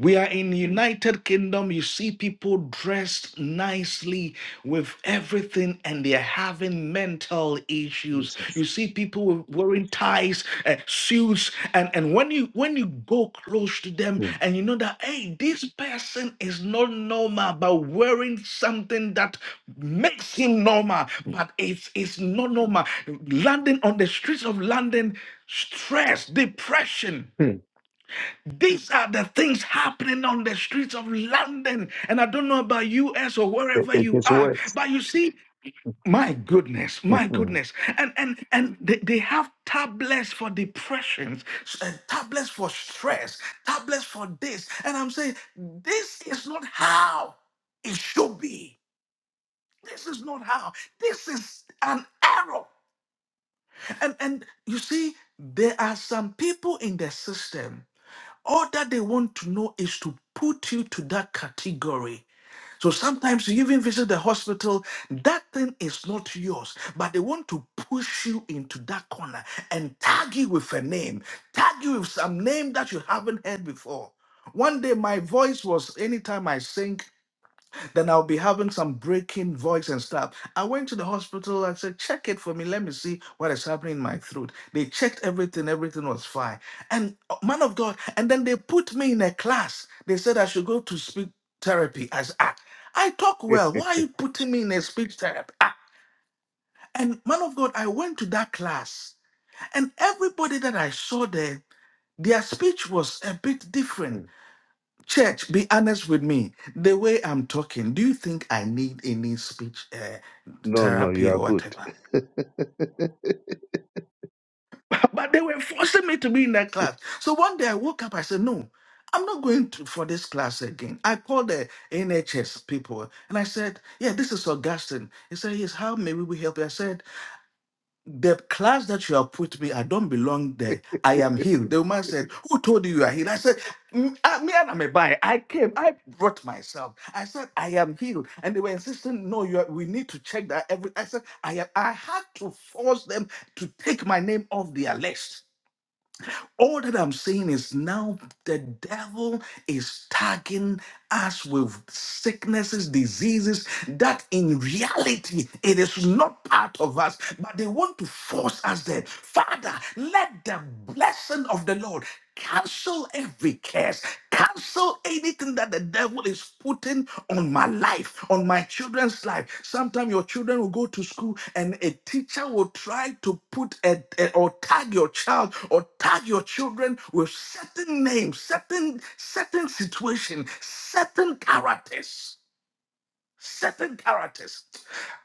B: We are in United Kingdom. You see people dressed nicely with everything, and they're having mental issues.
A: Jesus.
B: You see people with- wearing ties, uh, suits, and and when you when you go close to them,
A: Mm,
B: and you know that hey, this person is not normal, but wearing something that makes him normal, but it's it's not normal. London on the streets of London, stress, depression
A: mm.
B: these are the things happening on the streets of London. And I don't know about US or
A: It,
B: wherever
A: it
B: you
A: is
B: are,
A: worse.
B: but you see, my goodness, my
A: Mm,
B: goodness. And and and they, they have tablets for depressions, s- uh, tablets for stress, tablets for this. And I'm saying, this is not how it should be. This is not how. This is an error. And and you see, there are some people in the system all that they want to know is to put you to that category. So sometimes you even visit the hospital, that thing is not yours, but they want to push you into that corner and tag you with a name, tag you with some name that you haven't heard before. One day my voice was anytime I sing then I'll be having some breaking voice and stuff. I went to the hospital and said, check it for me. Let me see what is happening in my throat. They checked everything, everything was fine. And uh, man of God, and then they put me in a class. They said I should go to speech therapy. As I, said, ah, I talk well. Why are you putting me in a speech therapy? Ah, and man of God, I went to that class, and everybody that I saw there, their speech was a bit different
A: mm.
B: Church, be honest with me. The way I'm talking, do you think I need any speech uh,
A: No, no, you
B: therapy
A: are
B: or
A: good.
B: whatever? But they were forcing me to be in that class. So one day I woke up, I said, No, I'm not going to, for this class again. I called the NHS people and I said, Yeah, this is Augustine. He said, Yes, how may we help you? I said, the class that you have put me, I don't belong there. I am healed. The woman said, Who told you you are healed? I said, "Mm, I- Me and I'm a I came, I brought myself. I said, I am healed. And they were insisting, No, you are, we need to check that every. I said, I am, I had to force them to take my name off their list. All that I'm saying is now the devil is tagging us with sicknesses, diseases that in reality it is not part of us, but they want to force us there. Father, let the blessing of the Lord Cancel every curse. Cancel anything that the devil is putting on my life, on my children's life. Sometimes your children will go to school and a teacher will try to put a, a- or tag your child or tag your children with certain names, certain certain situation, certain characters certain characters.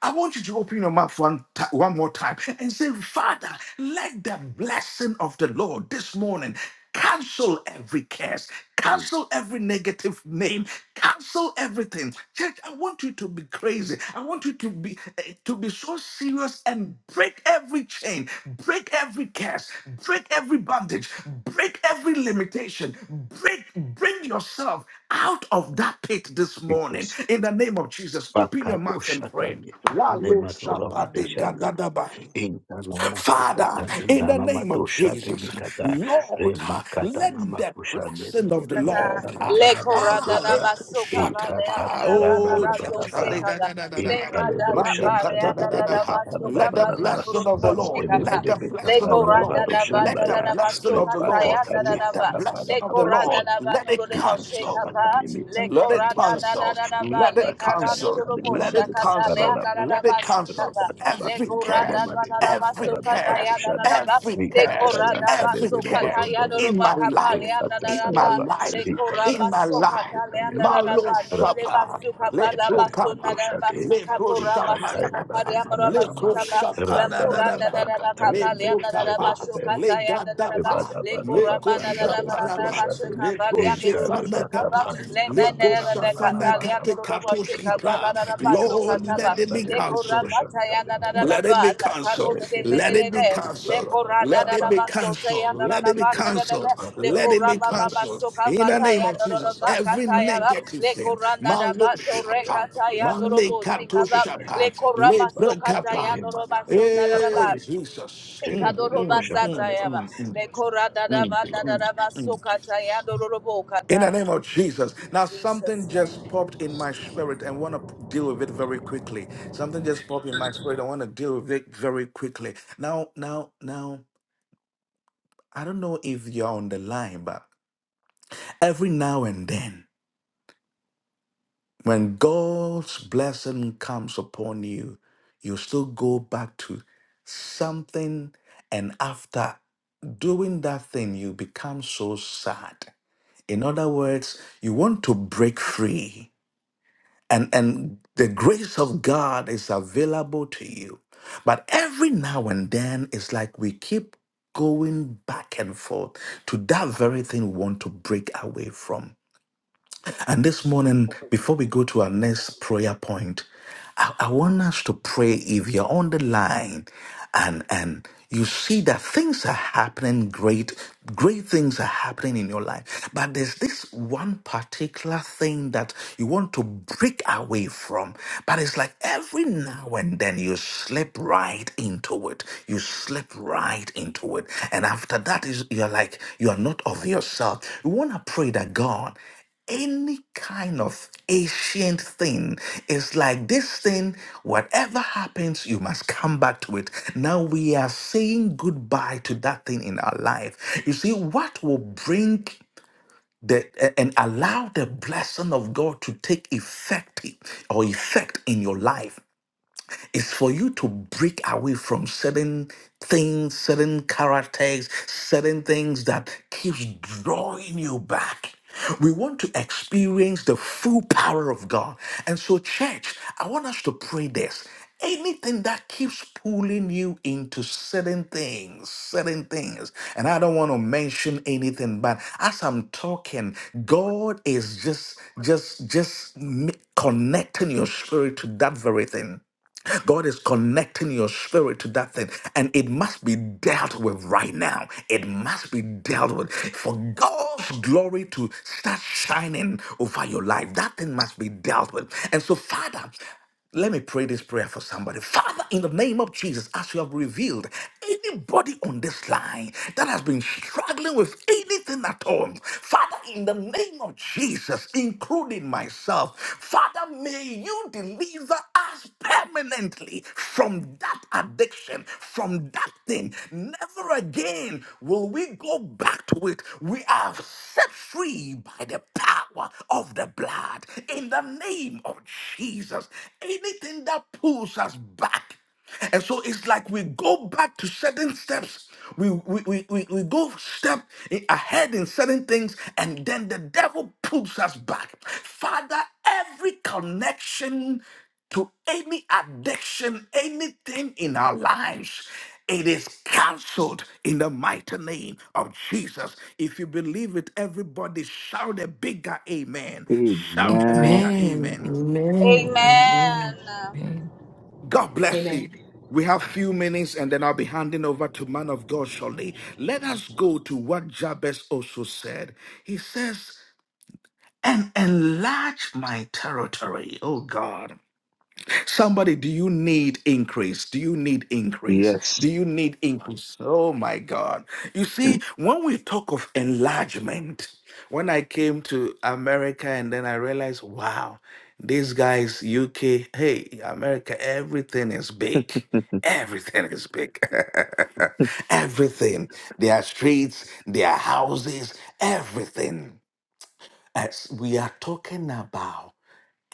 B: I want you to open your mouth one, ti- one more time and say, Father, let the blessing of the Lord this morning cancel every curse,
A: Mm,
B: cancel every negative name, cancel everything. Church, I want you to be crazy. I want you to be eh, to be so serious and break every chain, break every curse, break every bondage, break every limitation, break, bring yourself out of that pit this morning
A: Jesus.
B: in the name of Jesus. Open your
A: Bakato
B: mouth and
A: Shata
B: pray.
A: Nikata
B: Walo
A: Nematora Madeshanda.
B: shapadegadadaba.
A: Intanamakuta
B: Father, in the name of
A: Minanamatosha
B: Jesus,
A: Demikata
B: Lord, uh,
A: Remakata
B: let the
A: Namakusha
B: blessing of the Lord, uh,
G: Le corada
B: ah,
G: da
B: let-
A: Nemekadanabanamazuta
G: basso capale
A: Ekata
G: anda
B: shatapa.
G: da
A: Talana
G: banda
B: oh,
G: da to
B: church, uh, le-
A: Labaraba
G: seca
B: da-
G: da
B: da- da- da-
G: le
B: da.
G: mada
A: Intalebro Shanta
G: capale anda da da
A: Nebedebeka
B: Manikatadadadaha.
G: basso
B: Let the
G: capale
A: Paranabarana
G: anda
B: blessing
G: ro ro
B: of the
G: boche
B: Lord, let
G: capa
B: the
A: Antelebudebeka
G: le
B: blessing of the
G: coranda
B: Lord,
G: da
B: let
G: banda
B: the
G: da da
A: Paranabadoshandaya
B: blessing
G: basso
B: of the
G: capale
B: Lord,
A: Repakata
G: anda da
B: let
G: da
B: the
G: ba
A: Bekata
B: blessing
G: le
B: of the
G: coranda
B: Lord,
G: da
A: Paranabadoshana
G: ba
B: let
G: no ro
B: it
G: ro boche
A: Ekata
B: cancel.
G: capa le
A: Patanimekan
B: Let it
G: coranda da
A: Osata
G: da
B: cancel.
G: da da ba
B: Let
G: le
B: it
G: carando ro
A: Repakitanka
B: cancel.
G: ro
B: Let
G: boche
B: it
G: capa le
B: cancel.
A: Demanindeka
G: anda da da
B: Let
A: Rabba
B: it
G: basso
B: cancel.
G: capa
B: Every
G: rada
B: curse,
G: da da da baso
B: every
G: kata ya
B: curse,
G: da da da ba
B: every
G: le
B: curse,
G: korada
B: every
G: baso kata
B: curse
G: ya no
B: in
G: roba
B: my
G: kata le
B: life,
G: da da
B: in
G: da
B: my
G: ba le
B: life,
G: korada
B: in my
G: baso
B: life.
G: kata le da da da
B: Malo
G: ba no le
B: Shapa, Lepro
G: na
B: Kappa, Lepro
G: kapora
B: Shapa,
G: baso kata ya mara baso
B: Lepro
G: kata la korada da
B: Shapa,
G: da da kata le
B: Lepro
G: da da da
B: Kappa,
G: ya da da da ba
B: Legadapa.
A: Ebada
G: le
A: bada
G: korada
B: Leko
G: da da
A: bakanda
G: da
A: de
G: ba da
B: shaparaba,
A: badusha
G: baso
A: de
G: kata
B: leko
G: le
A: entare
B: shefana
G: da
B: kapa,
A: bakapani
G: le
A: namana
B: leko
G: menene me
A: namana
B: shafana
G: katalia
B: kate
A: namakama
G: dororo
B: katoski
A: rabana
B: pra.
G: na
A: beka
G: baso
B: Lord,
G: kataba
B: let it
A: patayanda
B: be
A: de
G: le
A: bedu
B: cancelled.
A: boshanta de
G: na na
A: baba
G: na
B: Let it
G: ba
B: be
G: la
A: tade
B: cancelled.
A: bede
B: Let it
A: beta
B: be
A: kama
G: le
A: baba
B: cancelled.
A: baba
G: korana
B: Let
G: na
B: it
A: baba
G: na
B: be
G: baso te ya
B: cancelled.
G: na
A: bede
B: Let
G: na
B: it
A: bede
B: be
G: ba
A: bede beta
B: cancelled.
A: kama
G: le
B: Let
A: baba
B: it be
G: koraba
A: dosanda
G: baba
A: na
B: cancelled.
G: soka
B: In
A: Ebadabadabakandadebadoshabe,
B: the
G: bata
B: name
G: ya
B: of
A: entarebakapanamananamananamakaba,
G: dororo
B: Jesus,
G: ba
B: every
G: ba
B: negative
A: rababekapatayandadebedoboshantarebaba,
G: le
B: thing,
G: korana na
B: malo
G: ba
A: tarebedebekapanababababalaba,
G: tore
B: shapa,
G: kataya
B: male
G: dorobo
B: kato
G: shika
A: debedebedebekapanababadosandaba,
G: ba
A: rababababakadewanibedebedebekapanabasotaya,
G: le
B: shapa,
G: koraba
B: lepre
G: soka ya
B: kapa.
G: doroba so na na
B: Hey,
G: ba
B: Jesus.
A: lebatanterebaba.
B: Mm,
G: Ikadoroba
B: mm, mm,
G: satayaba.
B: mm, mm.
G: Lekora
A: Thank
B: Mm,
G: dadaba
A: you, Lord.
B: mm,
G: dadaba
B: mm.
G: sokataya dororobo
B: In the
G: kata.
B: name of Jesus. Now,
G: Jesus'
B: something
G: name.
B: just popped in my spirit and want to deal with it very quickly. Something just popped in my spirit. I want to deal with it very quickly. Now, now, now, I don't know if you're on the line, but every now and then, when God's blessing comes upon you, you still go back to something. And after doing that thing, you become so sad. In other words, you want to break free and and the grace of God is available to you. But every now and then, it's like we keep going back and forth to that very thing we want to break away from. And this morning, before we go to our next prayer point, I, I want us to pray if you're on the line and and you see that things are happening great, great things are happening in your life. But there's this one particular thing that you want to break away from. But it's like every now and then you slip right into it. You slip right into it. And after that is you're like, you are not of yourself. You want to pray that God any kind of ancient thing is like this thing whatever happens you must come back to it now we are saying goodbye to that thing in our life you see what will bring the a- and allow the blessing of god to take effective or effect in your life is for you to break away from certain things, certain characters, certain things that keeps drawing you back. We want to experience the full power of God. And so, church, I want us to pray this. Anything that keeps pulling you into certain things, certain things. And I don't want to mention anything, but as I'm talking, God is just, just, just m- connecting your spirit to that very thing. God is connecting your spirit to that thing, and it must be dealt with right now. It must be dealt with for God's glory to start shining over your life. That thing must be dealt with. And so, Father, let me pray this prayer for somebody. Father, in the name of Jesus, as you have revealed, anybody on this line that has been struggling with anything at all, Father, in the name of Jesus, including myself, Father, may you deliver us permanently from that addiction, from that thing. Never again will we go back to it. We are set free by the power of the blood in the name of Jesus. Anything that pulls us back. And so it's like we go back to certain steps. We, we, we, we, we go step i- ahead in certain things, and then the devil pulls us back. Father, every connection to any addiction, anything in our lives, it is cancelled in the mighty name of Jesus. If you believe it, everybody shout a bigger amen. Shout a
A: Amen.
B: bigger
J: Amen.
B: amen.
J: Amen.
G: Amen.
J: Amen. Amen.
B: God bless
H: Amen.
B: you. We have few minutes and then I'll be handing over to man of God shortly. Let us go to what Jabez also said. He says, and enlarge my territory, oh God. Somebody, do you need increase? Do you need increase? Do you need increase? Oh my God. You see, when we talk of enlargement, when I came to America and then I realized, wow, these guys, UK, hey, America, everything is big. Everything is big. everything. Their streets, their houses, everything. As we are talking about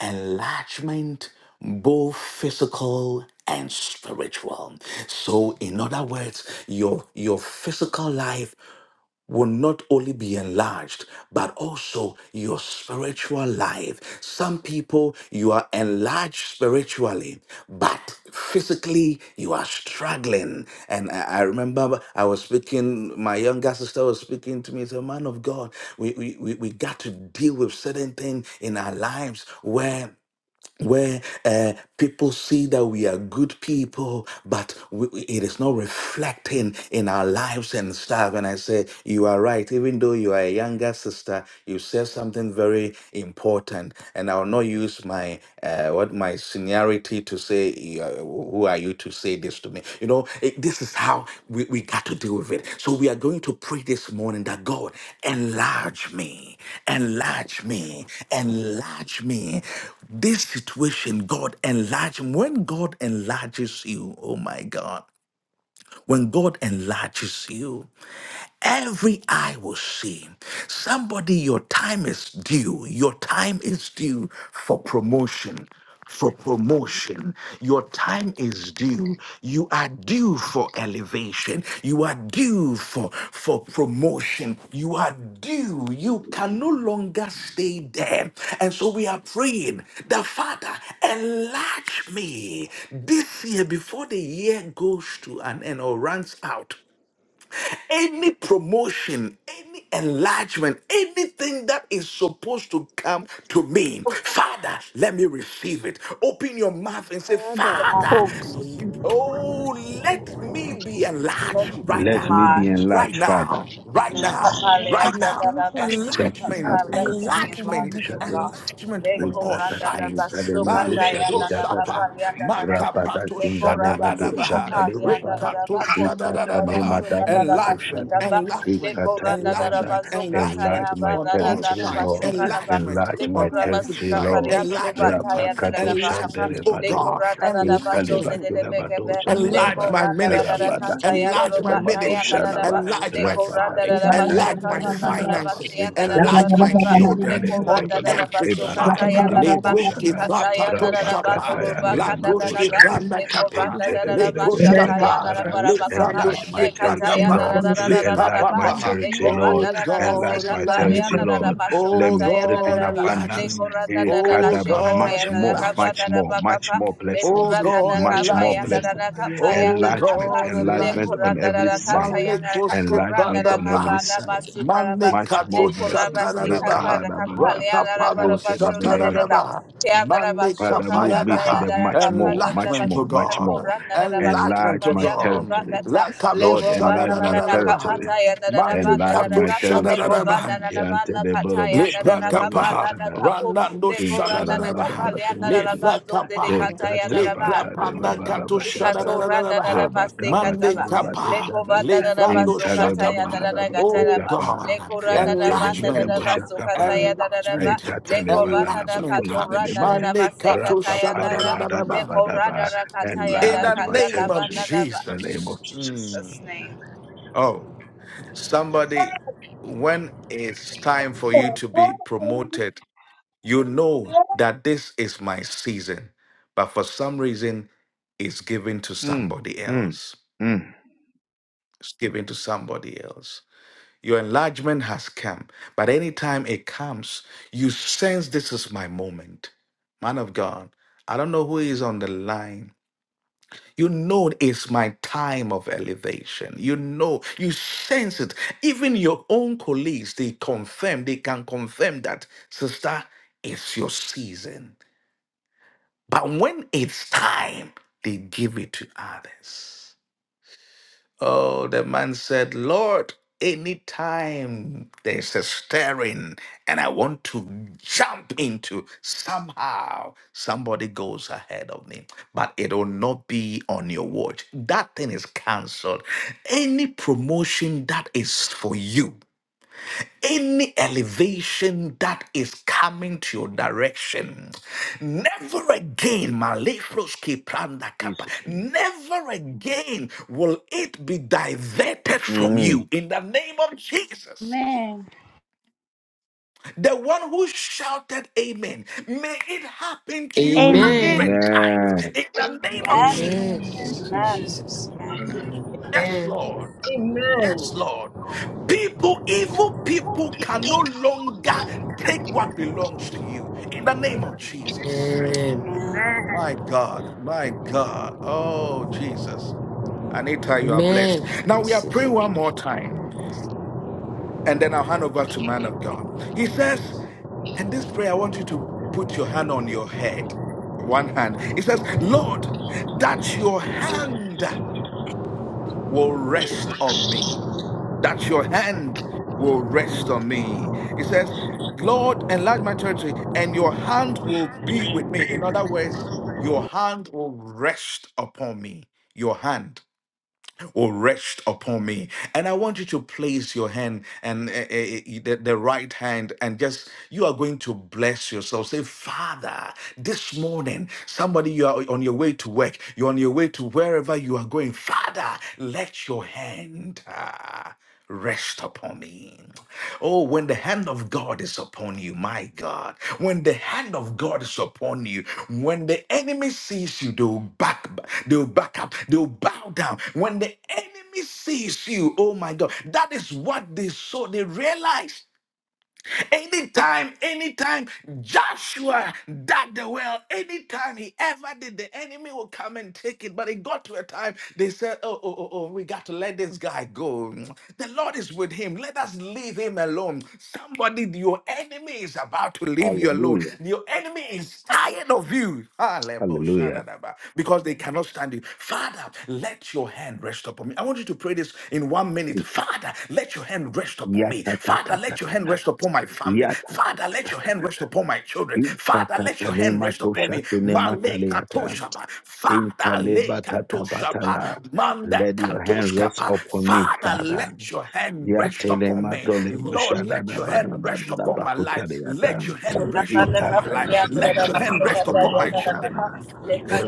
B: enlargement, both physical and spiritual. So, in other words, your, your physical life will not only be enlarged, but also your spiritual life. Some people, you are enlarged spiritually, but physically, you are struggling. And I, I remember I was speaking, my younger sister was speaking to me, as a man of God, we, we, we we got to deal with certain things in our lives where where uh, people see that we are good people, but we, it is not reflecting in our lives and stuff. And I say, You are right. Even though you are a younger sister, you said something very important. And I'll not use my uh, what my seniority to say you who are you to say this to me? You know, it- this is how we, we got to deal with it. So we are going to pray this morning that God enlarge me, enlarge me, enlarge me. This situation, God enlarge. When God enlarges you, oh my God, when God enlarges you. Every eye will see. Somebody, your time is due. Your time is due for promotion. For
K: Amen.
B: promotion, your time is due. You are due for elevation. You are due for for promotion. You are due. You can no longer stay there. And so we are praying the Father enlarge me this year before the year goes to an end or runs out any promotion, any enlargement, anything that is supposed to come to me, Father, let me receive it. Open your mouth and say,
L: Father,
B: Father,
M: Oh,
G: Don't
L: Lord,
B: oh, let
L: let me
B: me be
G: Let
L: be
B: enlarged
G: me be
B: right
A: Let me
B: now,
L: enlarged
A: be
L: right
G: enlarged.
L: now.
B: right
A: enlarged, Father.
B: now, right
L: Let
G: Let
L: me
B: now,
L: enlarged right
B: right
L: now,
B: now
L: spiritually,
A: That's the
L: physically,
A: type
B: enlargement,
A: of
L: mentally,
G: me
A: customer
G: be
L: financially, and
A: we
G: enlarged,
B: enlargement,
G: oh
A: should
L: otherwise.
G: God.
B: enlargement on
L: Father,
G: Leko
B: all
L: enlarge
A: Enlarge
G: randa
L: me.
G: da
B: sides.
G: baso
L: Enlarge
G: kata
L: my
B: Maledo
G: yanda
L: cause.
G: da
B: shapa,
G: kapa
L: Enlarge my
G: yanda da da.
L: tentacles, O
B: makapato
L: Lord.
G: Leko rabase
L: Enlarge
B: shadadadabaha,
L: me, O
G: kapa
L: Lord. Send
G: yanda
L: help
G: da
L: as
G: da
L: my
B: rekato
L: need.
G: bako randa da
L: Let
B: shadadadabaha.
L: my
G: baso
L: help know
G: kata da
L: no peace
G: base
L: until
B: Enlargement,
L: they
G: kapa.
L: start helping
B: enlargement,
L: me.
G: Leko randa da
L: In
G: da
B: enlargement,
G: baso
L: Jesus' name.
G: kata
B: enlargement
G: ya
A: my
G: ba
B: on
G: da da
B: all
G: da
A: territory,
L: Enlarge
G: da
L: my
B: sides.
G: baso
A: Lord.
L: children,
G: kata ba.
B: Enlargement
G: le
A: Enlarge my
B: on
L: spiritually,
G: koraba
B: every
A: territory,
G: sika
B: side.
L: financially,
G: faria
A: Lord.
G: lo
L: physically,
B: Enlargement,
G: bataya
L: mentally,
G: da
L: and
G: da da
A: Rapakadosha
L: otherwise.
G: bakapa
B: enlargement. Oh
G: le
A: derebade.
B: God,
G: koranda da da
L: Enlarge
G: bazo
L: us,
G: de
B: enlargement.
L: O
G: de de
L: Lord.
G: bekebe
A: Intalebakilabadosha
G: le
L: Enlarge us,
B: Enlarge
A: debaba.
L: O
B: my
G: koranda da da da
B: ministry,
G: kataya
L: Enlarge
G: do
L: your
B: enlarge
G: lo
B: my
L: career.
G: bataya da
B: ministry,
A: Rabadakintalebabadosha
L: Enlarge
G: da
L: our
G: da ba
A: laba.
B: enlarge
L: career.
G: le
B: my
G: koranda
B: family,
G: da
F: In
G: da
L: Enlarge
G: baso
A: Rabadabikataya
B: enlarge my
L: our
G: kava da da da
L: businesses,
A: derebandalaba.
L: O
B: finances,
G: basia da
L: Lord.
G: da da ba
B: enlarge
G: da
B: my
G: da ba
L: Enlarge us
G: le
B: children
L: financially,
B: on
G: koranda da
A: Intelebelebele,
G: da
B: every
G: baso
B: side.
L: spiritually,
G: kataya da da ba
B: Lebroski
A: Ebalababarabatoshana,
L: physically,
G: ikataya da
B: platato
G: da da ba no
B: shapa,
G: lo ba
L: mentally,
B: la
L: and
G: kada da da
B: kroski
G: ba
L: otherwise.
A: Rabakatayalelemadoshade,
G: le
B: planda
L: Enlarge us, O
B: kapa,
G: koranda da
L: Lord.
G: da da
B: le
G: ba
F: the
B: kroska
L: Enlarge
F: name
L: us,
F: of
L: O Lord.
B: pa,
L: Lord,
A: Intelebelebelebekapara.
B: le
G: Shatayandarabarabakaba,
A: Enlarge my
B: frandoski
A: territory,
L: Enlarge our
B: plakapa,
A: Lord.
L: children.
F: Jesus
B: le
A: Enlarge
L: In
G: Lekatayandarararararaba,
A: my
L: the
B: papa.
L: mighty
A: territory,
L: name of
A: Lord.
B: Oh
L: Jesus.
A: Enlarge
B: God,
A: my
L: Enlarge
B: enlarge me.
A: territory,
L: our my
A: Lord.
L: children,
A: Let
L: Lord.
B: Oh
A: me trip in
B: God,
L: In the
G: Lekovandarasekapaleandarabashokatayandaraba,
L: mighty
B: enlarge
A: abundance.
L: name of
B: me.
N: Amen.
L: Jesus.
B: Oh
A: Ekadaba,
L: Lord,
B: God,
A: Much
N: Amen.
L: enlarge
A: more,
L: us.
B: enlarge me.
A: much more, much
G: Lekorandarashekatayandarakavandararakapa,
L: Enlarge
A: more
H: I'm
B: Oh
A: blessing,
H: here to
B: God,
H: see
A: much
H: the
A: more
B: enlarge me.
H: people.
L: enlarge
H: I'm
L: us.
A: blessing.
H: here to
B: Oh
H: see.
A: Enlargement,
B: God,
H: greater
B: enlarge
A: enlargement
H: than
A: on
B: me.
H: most of
A: every
H: the
A: side,
H: one
B: Malekoske
A: enlargement on
B: pradaba.
A: every side
G: Lekorandarakapayandararakapayandakapa,
A: much
G: Lekorandarakatayandarakaporandarakabandabasukaraba,
A: more
B: Manekato
H: of
A: blessings.
H: Lord.
B: shakaradaba.
A: Lekaradabada,
B: Rakapado
A: antedebedebe.
G: Lekorabasikapalakapaleandarabashondarereba,
B: shakaradaba.
A: Father, move me to
B: Manekapayadaha.
A: the much more, much
B: Enlargement to
G: Keandarabashokabatayandarakapandarabaraba,
A: more, much
B: God.
A: more.
G: Kapora Nanarabashi
B: Enlargement
A: Enlarge
B: to
A: my
G: Kapalia
B: God.
A: territory.
G: Durubakata Le
B: Lakado
A: Lord,
G: Roba
A: enlarge my
G: Nanana
B: shadadadadabaha.
A: territory.
G: Kapataya Nanaraba
A: Enlarge
B: Manekato
A: my
G: Nanaraba Le
A: territory.
G: Koba
B: shadadadabaha.
G: Nanaraba Nakataya
B: Le
G: Nanana Kapala
B: prakapaha,
A: Yantedeboroboshundadebedebekada,
G: Nakapu
B: ranando
G: Le Korana
B: shadadadabaha,
G: Nakapalia
B: le
A: intarababadazundabe.
G: Nanaraba
B: prakapaha,
G: Zondedekataya
B: le
G: Nanaraba
A: Rekatabata
B: krapana kato
A: devabarabashata.
G: Ikatora da da da
B: shadadadadabaha,
G: ba
A: Rebakabata
B: mande
G: kataba.
B: kapaha,
G: Leko
A: rebadoshana.
G: da
B: le
G: da da ba
B: frando
G: so kataya da
B: shatapaha.
G: da da gata
B: Oh
G: ba.
A: Intalevabarabakutapa.
B: God,
G: Leko da da ba da da da
B: enlargement,
G: ba
B: um,
G: so
A: Yantelebedeboshakapa.
G: kataya da da da ba.
B: enlargement, um,
G: Leko da da
B: enlargement, um,
G: katora da da
A: Aitatalebadanabakolabelebe.
G: da ba
B: mande kato
G: kataya da da.
B: shadadadadabaha.
G: Leko
A: Rapapanemadabadaba.
G: da da kataya
B: in
G: da
B: the
A: Enlarge my
G: kata
B: name
G: ba
B: of
G: da
A: territory
G: da ba.
A: in the name of
G: In
B: Jesus.
A: Jesus.
G: Jesus'
B: Mm.
G: name.
B: Oh, somebody, when it's time for you to be promoted, you know that this is my season, but for some reason, it's given to
A: Mm,
B: somebody
A: mm,
B: else.
A: mm.
B: It's given to somebody else. Your enlargement has come, but anytime it comes, you sense this is my moment. Man of God, I don't know who is on the line. You know it's my time of elevation. You know, you sense it. Even your own colleagues, they confirm, they can confirm that, sister, it's your season. But when it's time, they give it to others. Oh, the man said, Lord, anytime there's a stirring and I want to jump into, somehow somebody goes ahead of me, but it will not be on your watch. That thing is cancelled. Any promotion that is for you any elevation that is coming to your direction. Never again, Malefroski Pranda Kappa,
A: Jesus' name.
B: never again will it be diverted from
A: Mm.
B: you in the name of Jesus. The one who shouted amen, may it happen to you hundred
J: Amen.
B: times in the name of
G: Amen.
J: Amen.
N: Amen.
B: Jesus.
J: Thank
G: Amen.
J: you, Jesus. Amen.
B: Yes,
H: And
B: Lord.
E: Amen.
B: Yes, Lord. People, evil people can no longer take what belongs to you in the name of Jesus.
J: Amen.
G: Amen.
B: My God, my God. Oh, Jesus. Anita, you are blessed.
J: Amen. I
B: Now we are
J: receive
B: praying
J: it.
B: one more time, and then I'll hand over to man of God. He says, and this prayer, I want you to put your hand on your head, one hand. He says, Lord, that your hand will rest on me, that your hand will rest on me. It says, Lord, enlarge my territory, and your hand will be with me. In other words, your hand will rest upon me. Your hand will rest upon me. And I want you to place your hand and uh, uh, uh, the, the right hand and just you are going to bless yourself. Say, Father, this morning, somebody you are on your way to work, you're on your way to wherever you are going. Father, let your hand. ah, rest upon me. Oh, when the hand of God is upon you, my God, when the hand of God is upon you, when the enemy sees you, they'll back, they'll back up, they'll bow down. When the enemy sees you, oh my God, that is what they saw. They realized. Anytime, anytime Joshua dug the well, anytime he ever did, the enemy will come and take it. But it got to a time they said, Oh, oh, oh, oh, we got to let this guy go. The Lord is with him. Let us leave him alone. Somebody, your enemy is about to leave you alone.
A: Hallelujah.
B: Your enemy is tired of you. Hallelujah.
A: Hallelujah.
B: Because they cannot stand you. Father, let your hand rest upon me. I want you to to pray this in one minute.
A: Jesus.
B: Father, let your hand rest upon me. Father, let your
A: Yatatatata.
B: hand rest upon my family. Father, let your hand
A: Yatatatata.
B: rest upon my children. Father, let your hand rest upon me. Male Father, le
A: Intalebatatabatala.
B: Manda
A: Let your hand rest
B: katoshkapa.
A: upon me,
B: Father,
A: Father.
B: let your hand rest upon me. Lord, let your hand rest upon my life. Let
A: rabada
B: your hand rest upon my
G: Lekataya
B: life.
G: da da
B: Let your hand rest upon my
A: Itatayatalabalabakulabenaba.
B: children.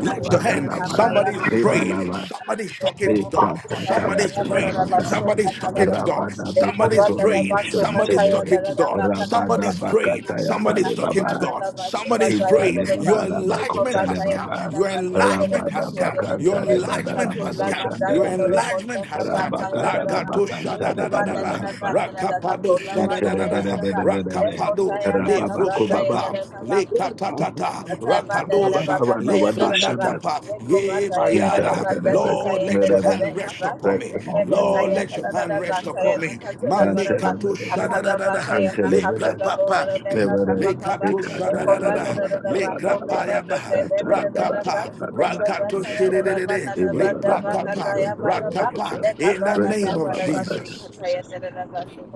B: Lift your hand.
G: kapaya da
B: Somebody's praying.
G: da
A: Rebalaba.
B: Somebody's
G: Thank you.
B: talking to God. Somebody's praying.
A: Repratatayatatabata.
B: Somebody's talking to God. Somebody's praying. Somebody's
A: Rabadabekatolemoshantele.
B: talking to God. Somebody's praying. Somebody's talking
A: Rabadabakatayatalebaba.
B: to God. Somebody's praying. Your enlargement has come. Your enlargement has come. Your enlargement has come. Your enlargement has come. Rakato shada
G: Leko
B: da da da
G: bata
B: da.
G: na na bata na na
B: Rakapado
G: kakola
B: shada da
G: bata
B: da
G: ya
B: da.
G: na na ba. Leko
B: Rakapado
G: taya na kabata ya na
B: Roshapa,
G: na kaba.
B: Le Katatata, Rakadosha, Le Franda Kapa, Ye Bayada. Lord, let your hand rest upon me. Lord, let your hand rest upon me. Male Katusha da da da da, Le Prapapa,
A: Mm,
B: Le Katusha da da da da, Le Krapayaba, Rakapa, Rakatushi de de de de, Le Prakapa, Rakapa, in the name of Jesus.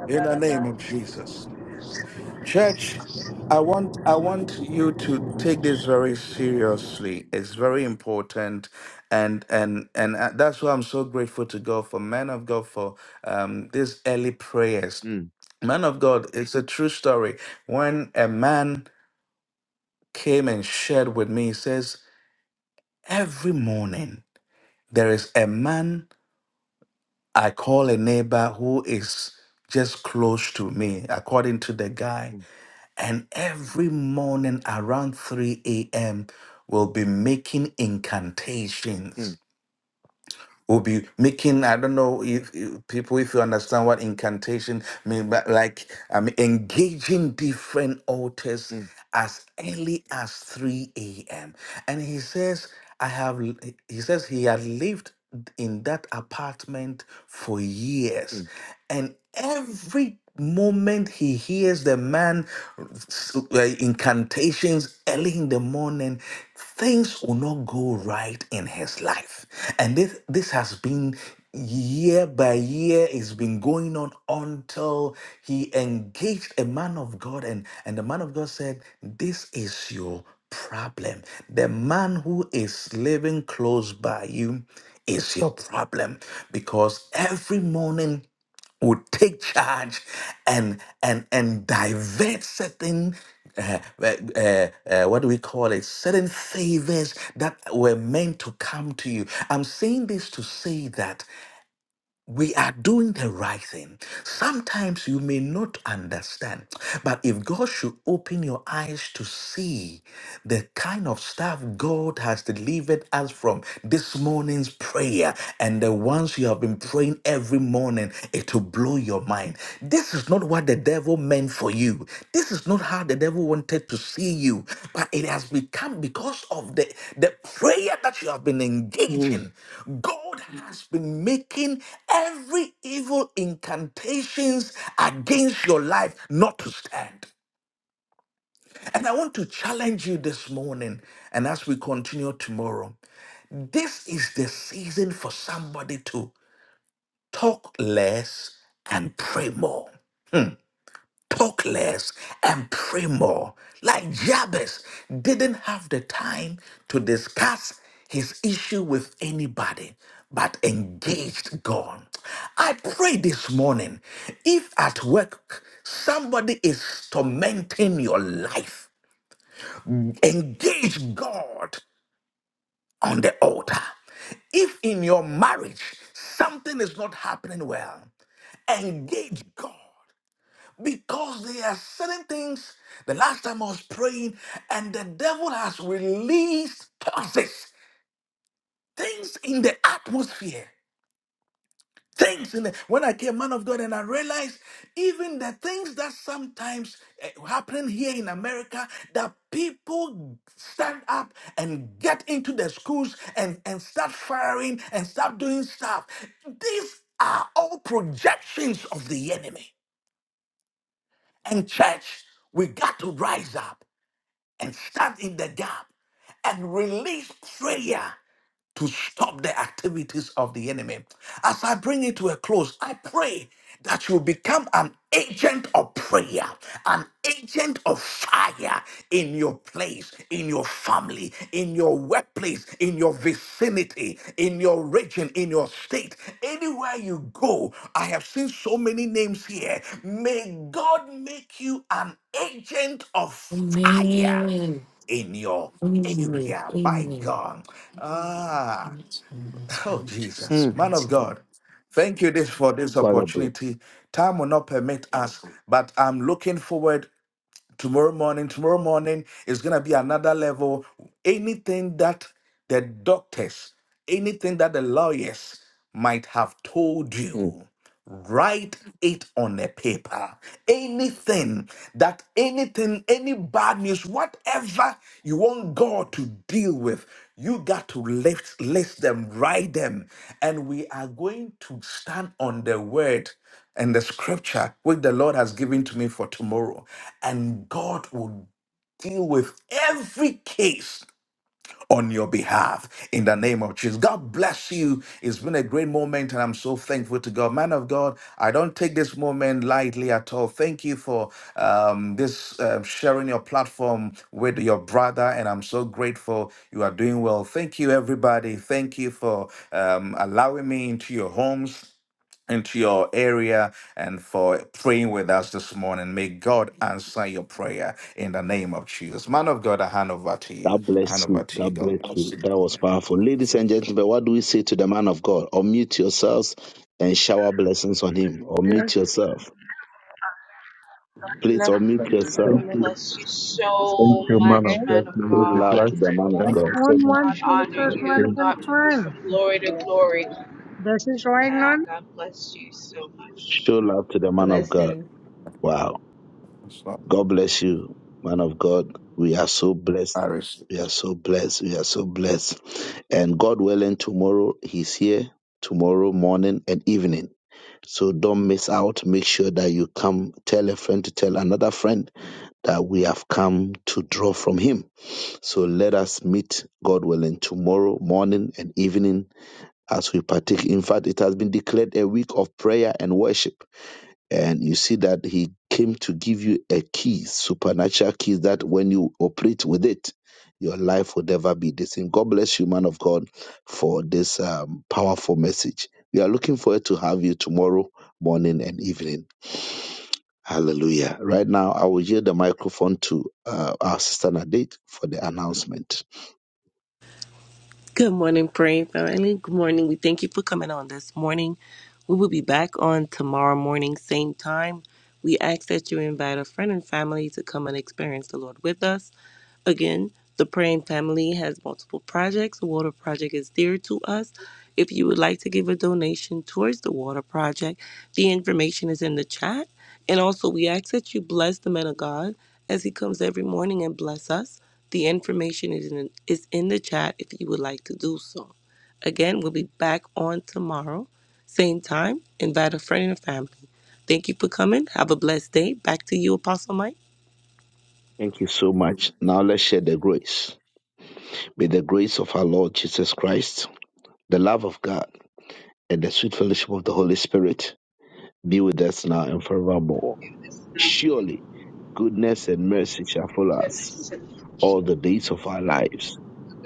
B: In the name of Jesus. Church, I want I want you to take this very seriously. It's very important, and and and uh, that's why I'm so grateful to God for men of God for um, these early prayers. Man of God, it's a true story. When a man came and shared with me, he says, Every morning there is a man I call a neighbor who is just close to me, according to the guy. And every morning around 3 a.m., we'll be making
A: mm,
B: incantations. We'll be making, I don't know if, if people, if you understand what incantation means, but like i engaging different altars
A: mm,
B: as early as 3 a.m. And he says, I have, l- he he says he had lived in that apartment for years.
A: mm,
B: And every moment he hears the man s- uh, incantations early in the morning things will not go right in his life and this this has been year by year it's been going on until he engaged a man of god and and the man of god said this is your problem the man who is living close by you is your problem because every morning would take charge and and and divert certain uh, uh, uh, uh, what do we call it certain favors that were meant to come to you i'm saying this to say that we are doing the right thing. Sometimes you may not understand, but if God should open your eyes to see the kind of stuff God has delivered us from this morning's prayer and the ones you have been praying every morning, it will blow your mind. This is not what the devil meant for you. This is not how the devil wanted to see you. But it has become because of the, the prayer that you have been engaging. God has been making every evil incantations against your life not to stand. And I want to challenge you this morning, and as we continue tomorrow, this is the season for somebody to talk less and pray more. talk less and pray more. Like Jabez didn't have the time to discuss his issue with anybody, but engaged God. I pray this morning if at work somebody is tormenting your life, engage God on the altar. If in your marriage something is not happening well, engage God because there are certain things, the last time I was praying, and the devil has released forces, things in the atmosphere, things in the. When I came, man of God, and I realized even the things that sometimes eh, happen here in America, that people stand up and get into the schools and, and start firing and start doing stuff. These are all projections of the enemy. And church, we got to rise up. and stand in the gap and release prayer to stop the activities of the enemy. As I bring it to a close, I pray that you become an agent of prayer, an agent of fire in your place, in your family, in your workplace, in your vicinity, in your region, in your state, anywhere you go. I have seen so many names here. May God make you an agent of
J: Amen.
B: fire
J: Amen.
B: in your
J: Amen.
B: area. My
J: Amen.
B: God. Ah,
J: Amen.
B: oh, Jesus.
A: mm.
B: Man of
J: Amen.
B: God. Thank you this for this
A: What a bro.
B: opportunity. Time will not permit us, but I'm looking forward tomorrow morning tomorrow morning is going to be another level anything that the doctors anything that the lawyers might have told
A: Mm.
B: you write it on a paper anything that anything any bad news whatever you want god to deal with you got to lift list them write them and we are going to stand on the word and the scripture which the Lord has given to me for tomorrow. And God will deal with every case on your behalf in the name of Jesus. God bless you. It's been a great moment, and I'm so thankful to God. Man of God, I don't take this moment lightly at all. Thank you for um, this uh, sharing your platform with your brother, and I'm so grateful you are doing well. Thank you, everybody. Thank you for um, allowing me into your homes into your area and for praying with us this morning. May God answer your prayer in the name of Jesus. Man of God, I hand over to you.
A: God
B: I hand
A: bless
B: over
A: you.
B: to you.
A: God
B: God
A: bless
B: bless
A: you.
B: you.
A: That was powerful. Ladies and gentlemen, what do we say to the man of God? Unmute yourselves and shower blessings on him. Unmute
K: Bless,
A: yourself.
K: God
A: Please
K: bless
O: Thank,
A: unmute
K: you. God
O: thank
A: yourself.
G: God
K: bless
O: you.
K: you.
G: bless you
O: Thank
G: so
O: you, man
P: Hey,
O: of
G: much,
O: God.
G: man of
O: May
A: Show
O: you be
A: love
G: God.
A: to
O: blessed.
A: the man of
O: Thank
B: Okay.
O: you
A: God.
P: iPhone
O: so much.
P: 1
G: God
P: schon
G: honor
P: ist
O: Thank
P: erstmal
O: you.
P: der
G: you. God move you from
P: Fan.
G: glory
K: God
G: to
K: bless
G: glory.
K: you.
P: Das ist right
G: Yeah,
P: now.
G: God bless you so much.
A: Show love to the man of God.
H: blessings.
A: Wow.
B: Stop.
A: God bless you, man of God. We are so blessed. We are so blessed. We are so blessed. And God willing, tomorrow He's here, tomorrow morning and evening. So don't miss out. Make sure that you come. Tell a friend to tell another friend that we have come to draw from Him. So let us meet, God willing, tomorrow morning and evening as we partake. In fact, it has been declared a week of prayer and worship and you see that he came to give you a key, supernatural key, that when you operate with it, your life will never be the same. God bless you, man of God, for this um, powerful message. We are looking forward to have you tomorrow morning and evening. Hallelujah. Right now, I will yield the microphone to uh, our sister Nadate for the announcement.
Q: Good morning, praying family. Good morning. We thank you for coming on this morning. We will be back on tomorrow morning, same time. We ask that you invite a friend and family to come and experience the Lord with us. Again, the Praying Family has multiple projects. The Water Project is dear to us. If you would like to give a donation towards the Water Project, the information is in the chat. And also, we ask that you bless the man of God as he comes every morning and bless us. The information is in, is in the chat if you would like to do so. Again, we'll be back on tomorrow, same time. Invite a friend and a family. Thank you for coming. Have a blessed day. Back to you, Apostle Mike.
A: Thank you so much. Now let's share the grace. May the grace of our Lord Jesus Christ, the love of God and the sweet fellowship of the Holy Spirit be with us now and forevermore.
G: Oh,
A: Surely goodness and mercy shall follow us
G: goodness.
A: all the days of our lives.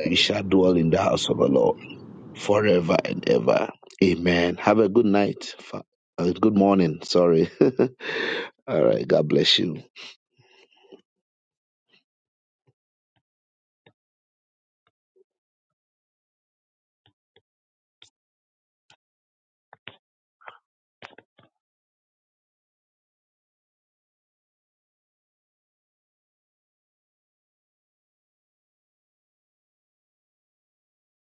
A: We shall dwell in the house of the Lord forever and ever. Amen. Have a good night. Fa- uh, Good morning. Sorry. all right. God bless you.